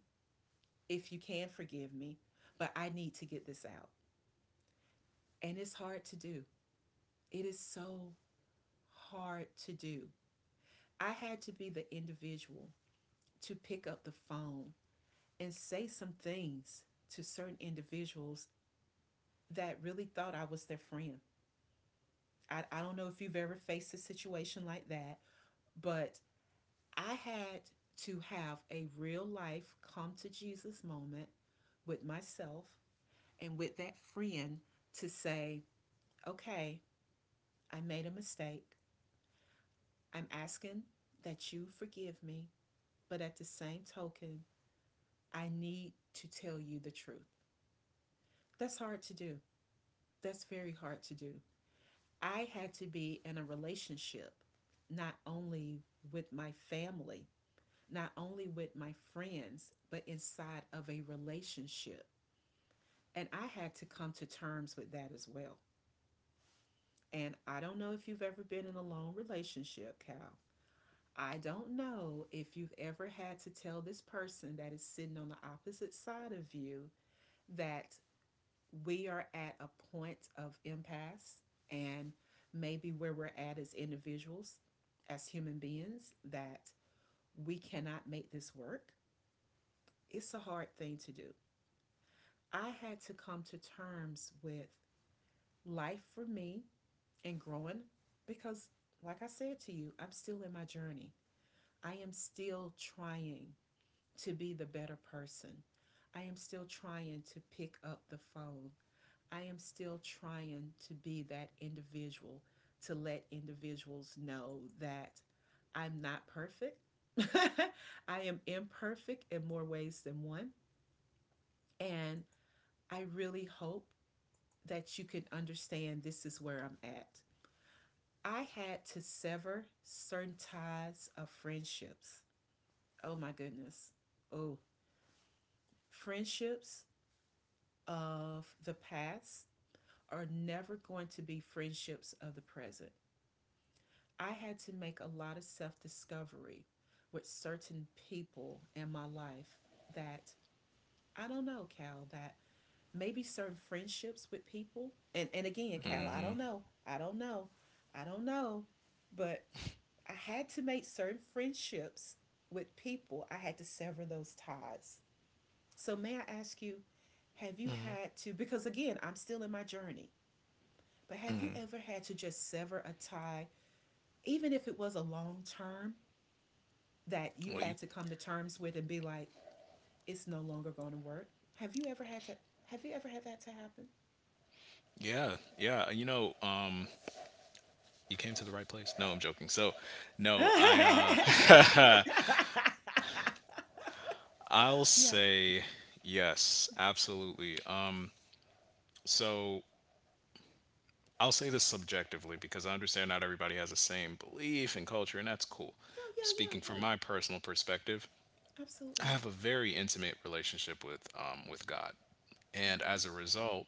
S1: if you can forgive me, but I need to get this out. And it's hard to do. It is so hard to do. I had to be the individual to pick up the phone and say some things to certain individuals that really thought I was their friend. I don't know if you've ever faced a situation like that, but I had to have a real life come to Jesus moment with myself and with that friend to say, okay, I made a mistake. I'm asking that you forgive me, but at the same token, I need to tell you the truth. That's hard to do. That's very hard to do. I had to be in a relationship not only with my family, not only with my friends, but inside of a relationship. And I had to come to terms with that as well. And I don't know if you've ever been in a long relationship, Cal. I don't know if you've ever had to tell this person that is sitting on the opposite side of you that we are at a point of impasse, and maybe where we're at as individuals, as human beings, that we cannot make this work. It's a hard thing to do. I had to come to terms with life for me and growing because, like I said to you, I'm still in my journey. I am still trying to be the better person. I am still trying to pick up the phone. I am still trying to be that individual to let individuals know that I'm not perfect. I am imperfect in more ways than one. And I really hope that you can understand this is where I'm at. I had to sever certain ties of friendships. Oh my goodness. Oh, friendships of the past are never going to be friendships of the present. I had to make a lot of self discovery with certain people in my life that, I don't know, Cal, that maybe certain friendships with people. And again, Cal, I don't know. I don't know. I don't know. But I had to make certain friendships with people, I had to sever those ties. So, may I ask you, have you had to, because again, I'm still in my journey, but have you ever had to just sever a tie, even if it was a long term that you
S2: Well, you,
S1: had to come to terms with and be like, it's no longer going to work? Have you ever had to, have you ever had that to
S2: yeah, yeah, you know, you came to the right place. No, I'm joking. So, no, I
S1: happen?
S2: I'll
S1: yeah.
S2: say yes, absolutely. So, I'll say this subjectively because I understand not everybody has the same belief and culture, and that's cool.
S1: Yeah, yeah,
S2: Speaking
S1: yeah,
S2: from
S1: yeah.
S2: my personal perspective, I
S1: Absolutely.
S2: have a very intimate relationship with God. And
S1: Okay.
S2: as a result,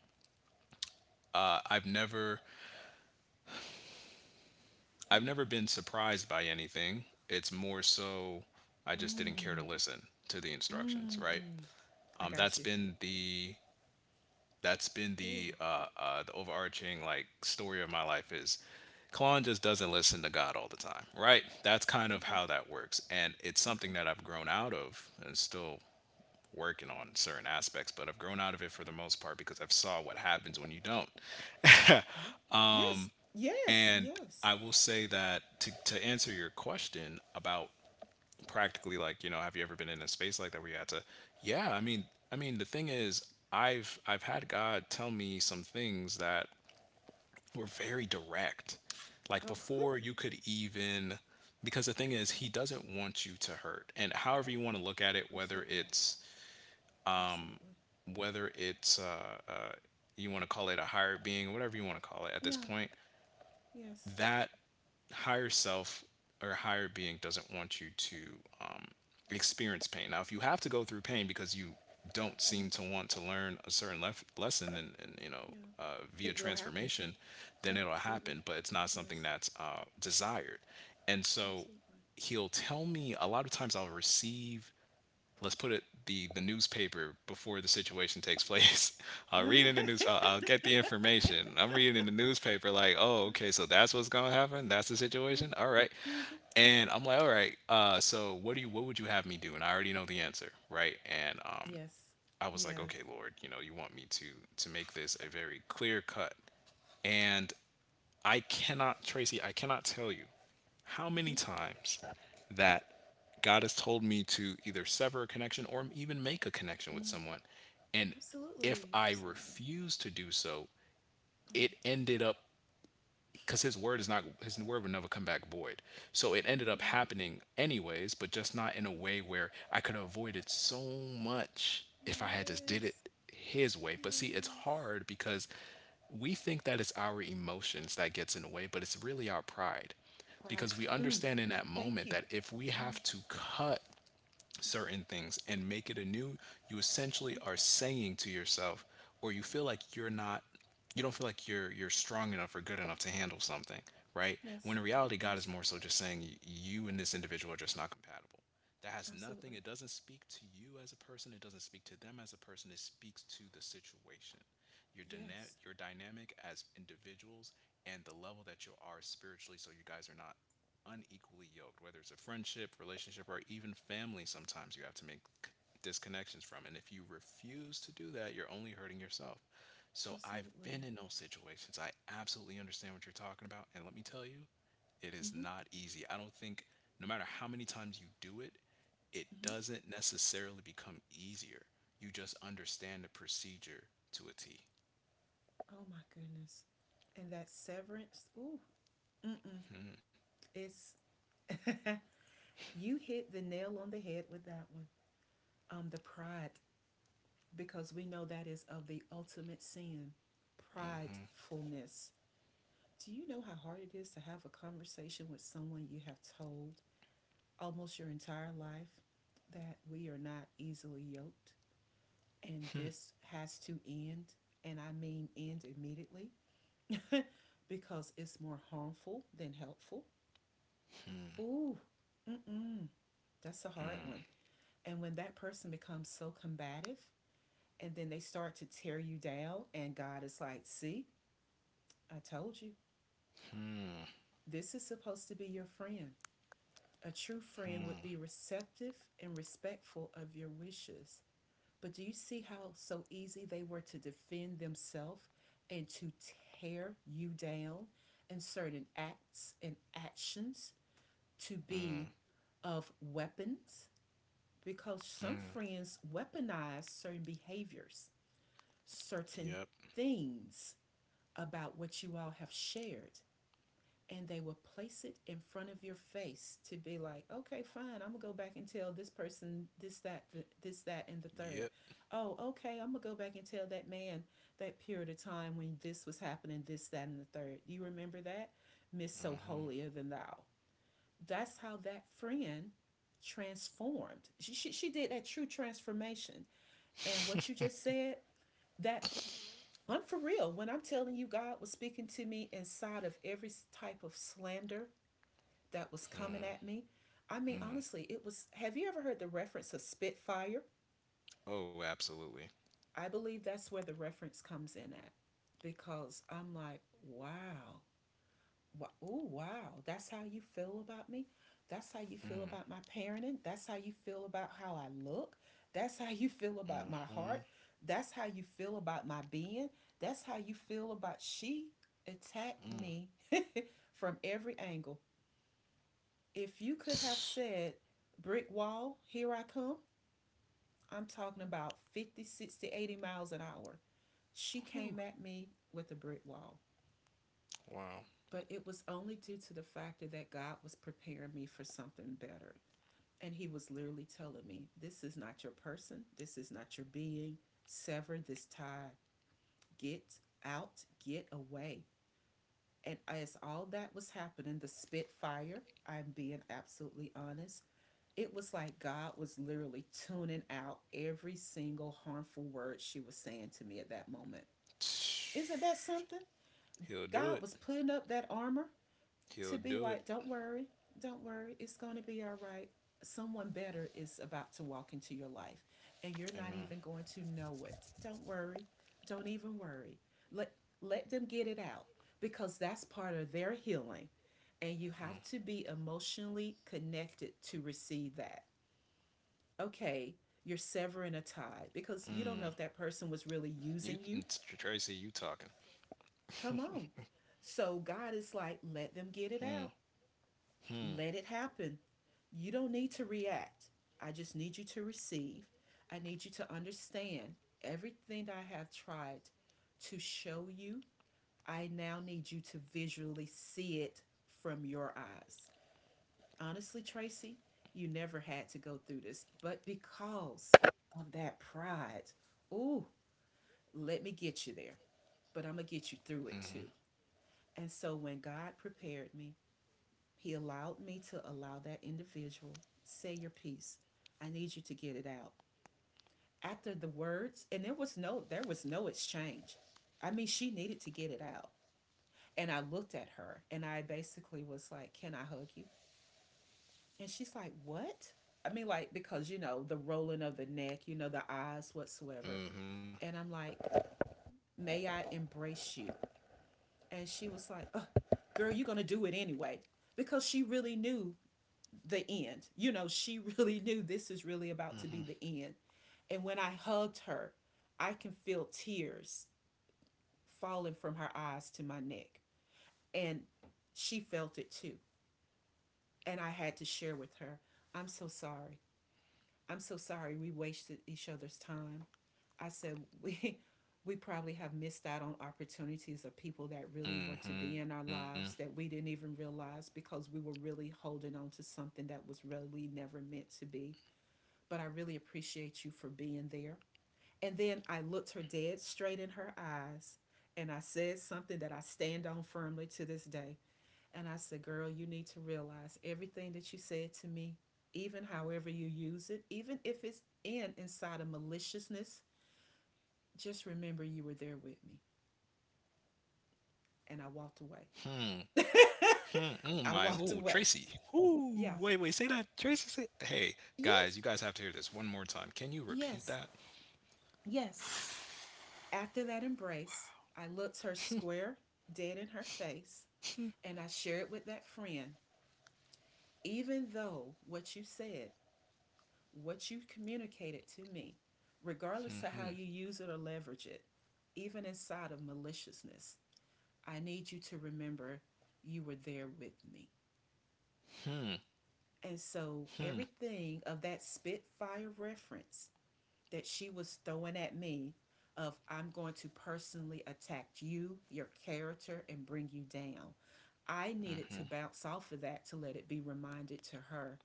S2: I've never, I've
S1: Hmm.
S2: never been surprised by anything. It's more so I just didn't care to
S1: Mm.
S2: listen to the instructions, right?
S1: Mm, I got
S2: That's
S1: you.
S2: been the,
S1: Ooh,
S2: the overarching, like, story of my life is Kalon just doesn't listen to God all the time, right? That's kind of
S1: okay,
S2: how that works, and it's something
S1: okay,
S2: that I've grown out of and still working on certain aspects, but I've grown out of it for the most part because I've saw what happens when you don't.
S1: okay. Yes, yes,
S2: And
S1: yes.
S2: I will say that to answer your question about practically, like, you know, have you ever been in a space like that where you had to, yeah, I mean, the thing is, I've had God tell me some things that were very direct, like
S1: Oh, okay.
S2: before you could even, because the thing is, he doesn't want you to hurt. And however you want to look at it, whether
S1: Absolutely,
S2: it's,
S1: absolutely.
S2: whether it's uh, uh you want to call it a higher being, whatever you want to call it at this
S1: Yeah,
S2: point,
S1: yes,
S2: that higher self or higher being doesn't want you to, um, experience pain. Now, if you have to go through pain because you don't seem to
S1: yes,
S2: want to learn a certain lesson, and, you know,
S1: yeah.
S2: via
S1: It will happen.
S2: transformation, then
S1: Yeah,
S2: it'll
S1: it will.
S2: happen. But it's not something
S1: Yes,
S2: that's desired. And so
S1: absolutely.
S2: he'll tell me a lot of times. I'll receive, let's put it, the newspaper before the situation takes place. I'll read in the news.
S1: okay.
S2: I'll get the information. I'm reading in the newspaper like, oh, okay, so that's what's gonna happen. That's the
S1: Uh,
S2: situation. All right,
S1: mhm, all
S2: and
S1: right.
S2: I'm like, all right. So, what would you have me do? And I already know the answer, right? And
S1: Yes,
S2: I was like,
S1: yes.
S2: okay, Lord, you know, you want me to make this a very clear cut. And I cannot, Tracy, I cannot tell you how
S1: Hmm.
S2: many times that God has told me to either sever a connection or even make a connection with
S1: Mm,
S2: someone. And if
S1: absolutely,
S2: I
S1: absolutely.
S2: refused to do so,
S1: Mm,
S2: it ended up, because his word is not, his word would never come back void, so it
S1: it
S2: ended
S1: will
S2: up
S1: not.
S2: happening anyways, but just not in a way
S1: No.
S2: where I could have avoided so much if I had just did it
S1: Yes,
S2: his way. But see, it's
S1: yes.
S2: hard because we think that it's our emotions that gets in the way, but it's really our pride,
S1: Pride.
S2: because we
S1: Mm,
S2: understand in that
S1: thank
S2: moment
S1: you.
S2: that if we
S1: Mm,
S2: have to cut certain things and make it anew, you essentially
S1: mhm.
S2: are saying to yourself, or you feel like you don't feel like you're strong enough or good enough to handle something, right?
S1: Yes,
S2: When in reality, God is
S1: yes,
S2: more so just saying you and this individual are just not compatible. That has
S1: absolutely.
S2: nothing. It doesn't speak to you as a person. It doesn't speak to them as a person. It speaks to the situation, your
S1: Yes,
S2: your dynamic as individuals, and the level that you are spiritually. So you guys are not unequally yoked. Whether it's a friendship, relationship, or even family, sometimes you have to make c- disconnections from. And if you refuse
S1: yes,
S2: to do that, you're only hurting yourself. So I've been
S1: absolutely.
S2: in those situations. I absolutely understand what you're talking about. And let me tell you, it is
S1: Mm-hmm,
S2: not easy. I don't think, no matter how many times you do it, it
S1: mm-hmm.
S2: doesn't necessarily become easier. You just understand the procedure to a T.
S1: Oh my goodness. And that severance, ooh, mm-mm. It's, you hit the nail on the head with that one. The pride, because we know that is of the ultimate sin, pridefulness. Do you know how hard it is to have a conversation with someone you have told almost your entire life that we are not easily yoked, and this has to end, and I mean end immediately because it's more harmful than helpful. Ooh, mm-mm, that's a hard one.
S2: Mm-hmm.
S1: And when that person becomes so combative and then they start to tear you down, and God is like, see, I told you,
S2: Mm-hmm.
S1: this is supposed to be your friend. A true friend would
S2: Mm-hmm.
S1: be receptive and respectful of your wishes. But do you see how so easy they were to defend themselves and to tear you down and certain acts and actions to be of weapons? Because some
S2: Mm-hmm.
S1: friends weaponize certain behaviors, certain
S2: Yep.
S1: things about what you all have shared, and they will place it in front of your face to be like, okay, fine, I'm gonna go back and tell this person this, that, this, that, and the third.
S2: Yep.
S1: Oh, okay, I'm gonna go back and tell that man that period of time when this was happening, this, that, and the third. You remember that? Miss So
S2: Mm-hmm.
S1: Holier Than Thou. That's how that friend transformed. She did that true transformation. And what you just said, that, I'm for real. When I'm telling you, God was speaking to me inside of every type of slander that was coming at me. I mean, honestly, it was. Have you ever heard the reference of Spitfire?
S2: Oh, absolutely.
S1: I believe that's where the reference comes in at, because I'm like, wow, wow, oh, wow, that's how you feel about me. That's how you feel about my parenting. That's how you feel about how I look. That's how you feel about my heart.
S2: Hmm.
S1: That's how you feel about my being. That's how you feel about, she attacked
S2: Mm.
S1: me from every angle. If you could have said, brick wall, here I come, I'm talking about 50, 60, 80 miles an hour. She came
S2: Whew.
S1: at me with a brick wall,
S2: Wow.
S1: but it was only due to the factor that God was preparing me for something better. And He was literally telling me, this is not your person, this is not your being. Sever this tie, get out, get away. And as all that was happening, the spitfire, I'm being absolutely honest, it was like God was literally tuning out every single harmful word she was saying to me at that moment. Isn't that something? God
S2: He'll
S1: was
S2: do it.
S1: putting up that armor to be
S2: He'll
S1: like,
S2: do it.
S1: don't worry, it's going to be all right. Someone better is about to walk into your life, and you're not even
S2: Amen.
S1: going to know it. Don't worry, don't even worry. Let, let them get it out because that's part of their healing. And you have to be emotionally connected to receive that, okay? You're severing a
S2: Mm.
S1: tie because you don't know if that
S2: You,
S1: person
S2: mm,
S1: was really
S2: Tracy,
S1: using
S2: you
S1: you.
S2: talking?
S1: Come on. So God is like,
S2: Hmm.
S1: let them get it out,
S2: Hmm.
S1: let it happen. You don't need to react. I just need you to receive. I need you to understand everything that I have tried to show you. I now need you to visually see it from your eyes. Honestly, Tracy, you never had to go through this, but because of that pride, ooh, let me get you there, but I'm going to get you through it too. And so when God prepared me, He allowed me to allow that individual, say your piece. I need you to get it out. After the words, and there was no exchange. I mean, she needed to get it out. And I looked at her and I basically was like, "Can I hug you?" And she's like, "What?" I mean, like, because, you know, the rolling of the neck, you know, the eyes, whatsoever.
S2: Mm-hmm.
S1: And I'm like, "May I embrace you?" And she was like, ugh, "Girl, you're gonna do it anyway," because she really knew the end. You know, she really knew this is really about to
S2: Mm-hmm.
S1: be the end. And when I hugged her, I can feel tears falling from her eyes to my neck, and she felt it too. And I had to share with her, "I'm so sorry. I'm so sorry we wasted each other's time." I said, we, we probably have missed out on opportunities of people that really were to be
S2: Mm-hmm.
S1: in our lives that we didn't even realize because we were really holding on to something that was really never meant to be. But I really appreciate you for being there. And then I looked her dead straight in her eyes and I said something that I stand on firmly to this day. And I said, "Girl, you need to realize everything that you said to me, even however you use it, even if it's in inside of maliciousness, just remember you were there with me." And I walked away.
S2: Hmm. Hmm. Oh
S1: I
S2: my.
S1: walked
S2: Oh,
S1: away.
S2: Tracy. Ooh.
S1: Yeah.
S2: Wait. Wait. Say that. Tracy. Say. Hey,
S1: Yes.
S2: guys. You guys have to hear this one more time. Can you repeat
S1: Yes.
S2: that?
S1: Yes. After that embrace, I looked her square, dead in her face, and I shared with that friend, "Even though what you communicated to me, regardless to how you
S2: Hmm.
S1: use it or leverage it, even inside of maliciousness, I need you to remember you were there with me."
S2: Hmm.
S1: And so
S2: Hmm.
S1: everything of that Spitfire reference that she was throwing at me of, "I'm going to personally attack you, your character, and bring you down." I needed to
S2: Hmm.
S1: bounce off of that to let it be reminded to her,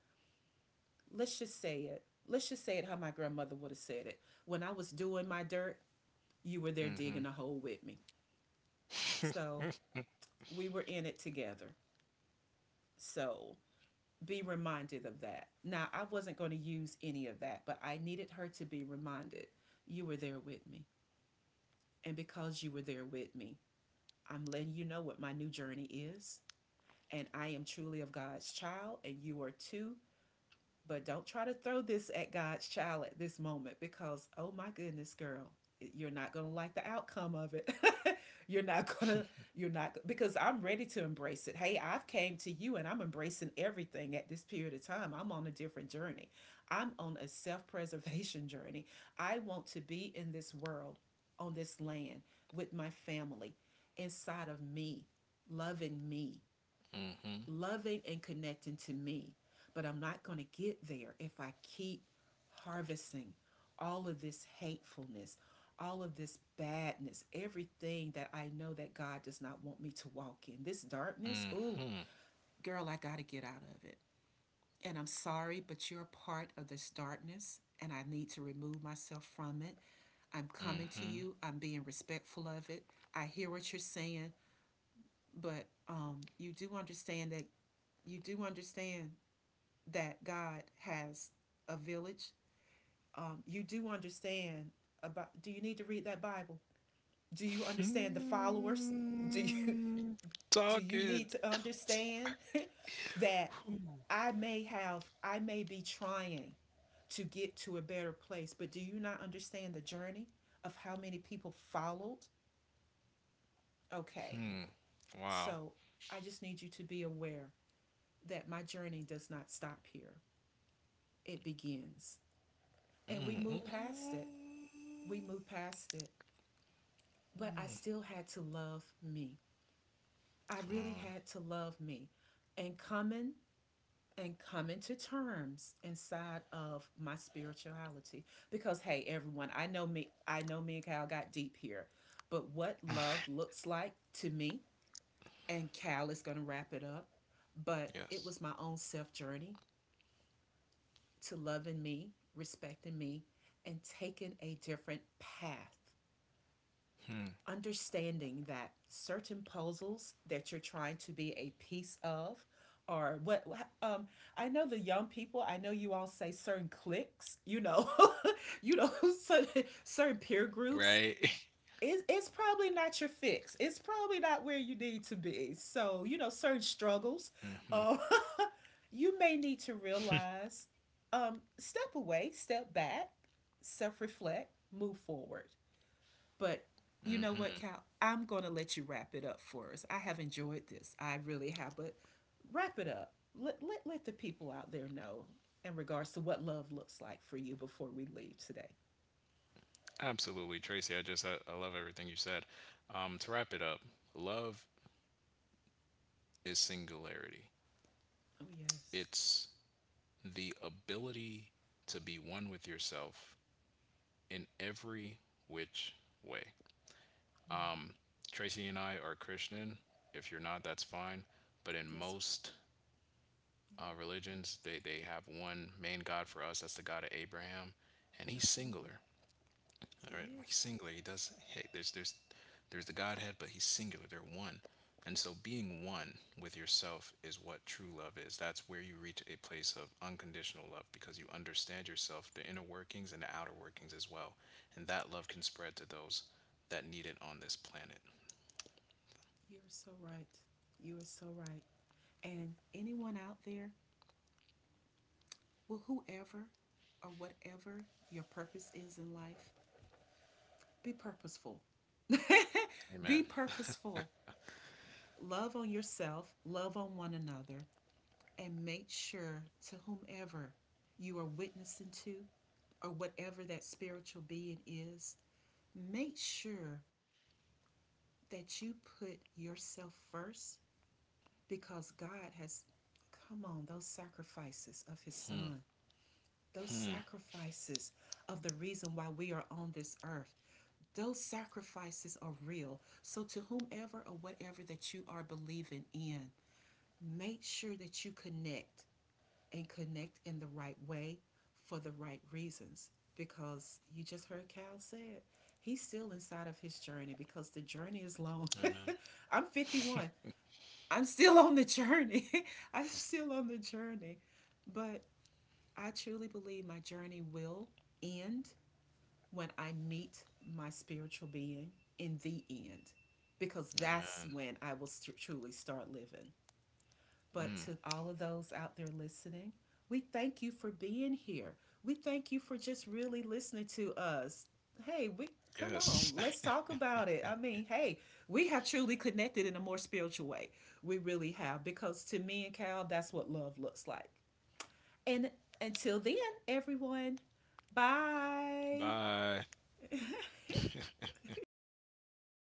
S1: let's just say it. Let's just say it how my grandmother would have said it. When I was doing my dirt, you were there digging
S2: Hmm.
S1: a hole with me. So we were in it together. So be reminded of that. Now, I wasn't going to use any of that, but I needed her to be reminded you were there with me. And because you were there with me, I'm letting you know what my new journey is. And I am truly of God's child, and you are too. But don't try to throw this at God's child at this moment because, oh my goodness, girl, you're not going to like the outcome of it. you're not going to, you're not, because I'm ready to embrace it. Hey, I've came to you and I'm embracing everything at this period of time. I'm on a different journey. I'm on a self preservation journey. I want to be in this world, on this land, with my family, inside of me, loving and connecting to me. But I'm not going to get there if I keep harvesting all of this hatefulness, all of this badness, everything that I know that God does not want me to walk in. This darkness, ooh,
S2: Hmm.
S1: girl, I got to get out of it. And I'm sorry, but you're a part of this darkness, and I need to remove myself from it. I'm coming
S2: Hmm.
S1: to
S2: Hmm.
S1: you. I'm being respectful of it. I hear what you're saying, but you do understand that you do understand that God has a village. You do understand about. Do you need to read that Bible? Do you understand the followers? Do you
S2: Mm,
S1: do you
S2: talking.
S1: need to understand that I may be trying to get to a better place, but do you not understand the journey of how many people followed? Okay,
S2: Hmm. Wow.
S1: so I just need you to be aware that my journey does not stop here. It begins. And
S2: Mm, mm, mm.
S1: we moved past it. But I still had to love me. I
S2: Come
S1: really
S2: on.
S1: had to love me and coming and coming to terms inside of my spirituality. Because hey, everyone, I know me and Cal got deep here. But what love looks like to me, and Cal is gonna wrap it up, but it
S2: Yes.
S1: was my own self journey to loving me, respecting me, and taking a different path
S2: Hmm.
S1: understanding that certain puzzles that you're trying to be a piece of or what um I know you all say certain cliques, you know, you know, certain peer
S2: Right.
S1: groups, it's probably not your fix, it's probably not where you need to be, so you know certain struggles, um you may need to realize, step away, step back, self-reflect, move forward. But you know what, Cal? I'm going to let you wrap it up for us. I have enjoyed this. I really have. But wrap it up. Let the people out there know in regards to what love looks like for you before we leave today.
S2: Absolutely, Tracy. I love everything you said. To wrap it up, love is singularity.
S1: Oh, yes.
S2: It's the ability to be one with yourself in every which way.
S1: Wow.
S2: Tracy and I are Christian. If you're not, that's fine. But in
S1: Yes, right.
S2: most
S1: Yeah,
S2: religions, they have one main God. For us, that's the God of Abraham, and he's
S1: absolutely.
S2: singular. All right,
S1: He
S2: he's
S1: is.
S2: singular. He does. Hey, there's the Godhead, but he's singular. They're one. And so, being one with yourself is what true love is. That's where you reach a place of unconditional love because you understand yourself, the inner workings and the outer workings as well. And that love can spread to those that need it on this planet.
S1: You're so right. You are so right. And anyone out there, well, whoever or whatever your purpose is in life, be purposeful.
S2: Amen.
S1: Be purposeful. Love on yourself, love on one another, and make sure to whomever you are witnessing to or whatever that spiritual being is, make sure that you put yourself first because God has, come on, those sacrifices of His Son, those sacrifices of the reason why we are on this earth, those sacrifices are real. So, to whomever or whatever that you are believing in, make sure that you connect and connect in the right way for the right reasons. Because you just heard Cal say it, he's still inside of his journey because the journey is long.
S2: Amen.
S1: I'm 51. I'm still on the journey. I'm still on the journey. But I truly believe my journey will end when I meet my spiritual being in the end, because that's
S2: Amen.
S1: when I will truly start living. But
S2: Mm.
S1: to all of those out there listening, we thank you for being here. We thank you for just really listening to us. Hey, we come on,
S2: Yes.
S1: let's talk about it. I mean, hey, we have truly connected in a more spiritual way. We really have because to me and Cal, that's what love looks like. And until then, everyone, bye.
S2: Bye.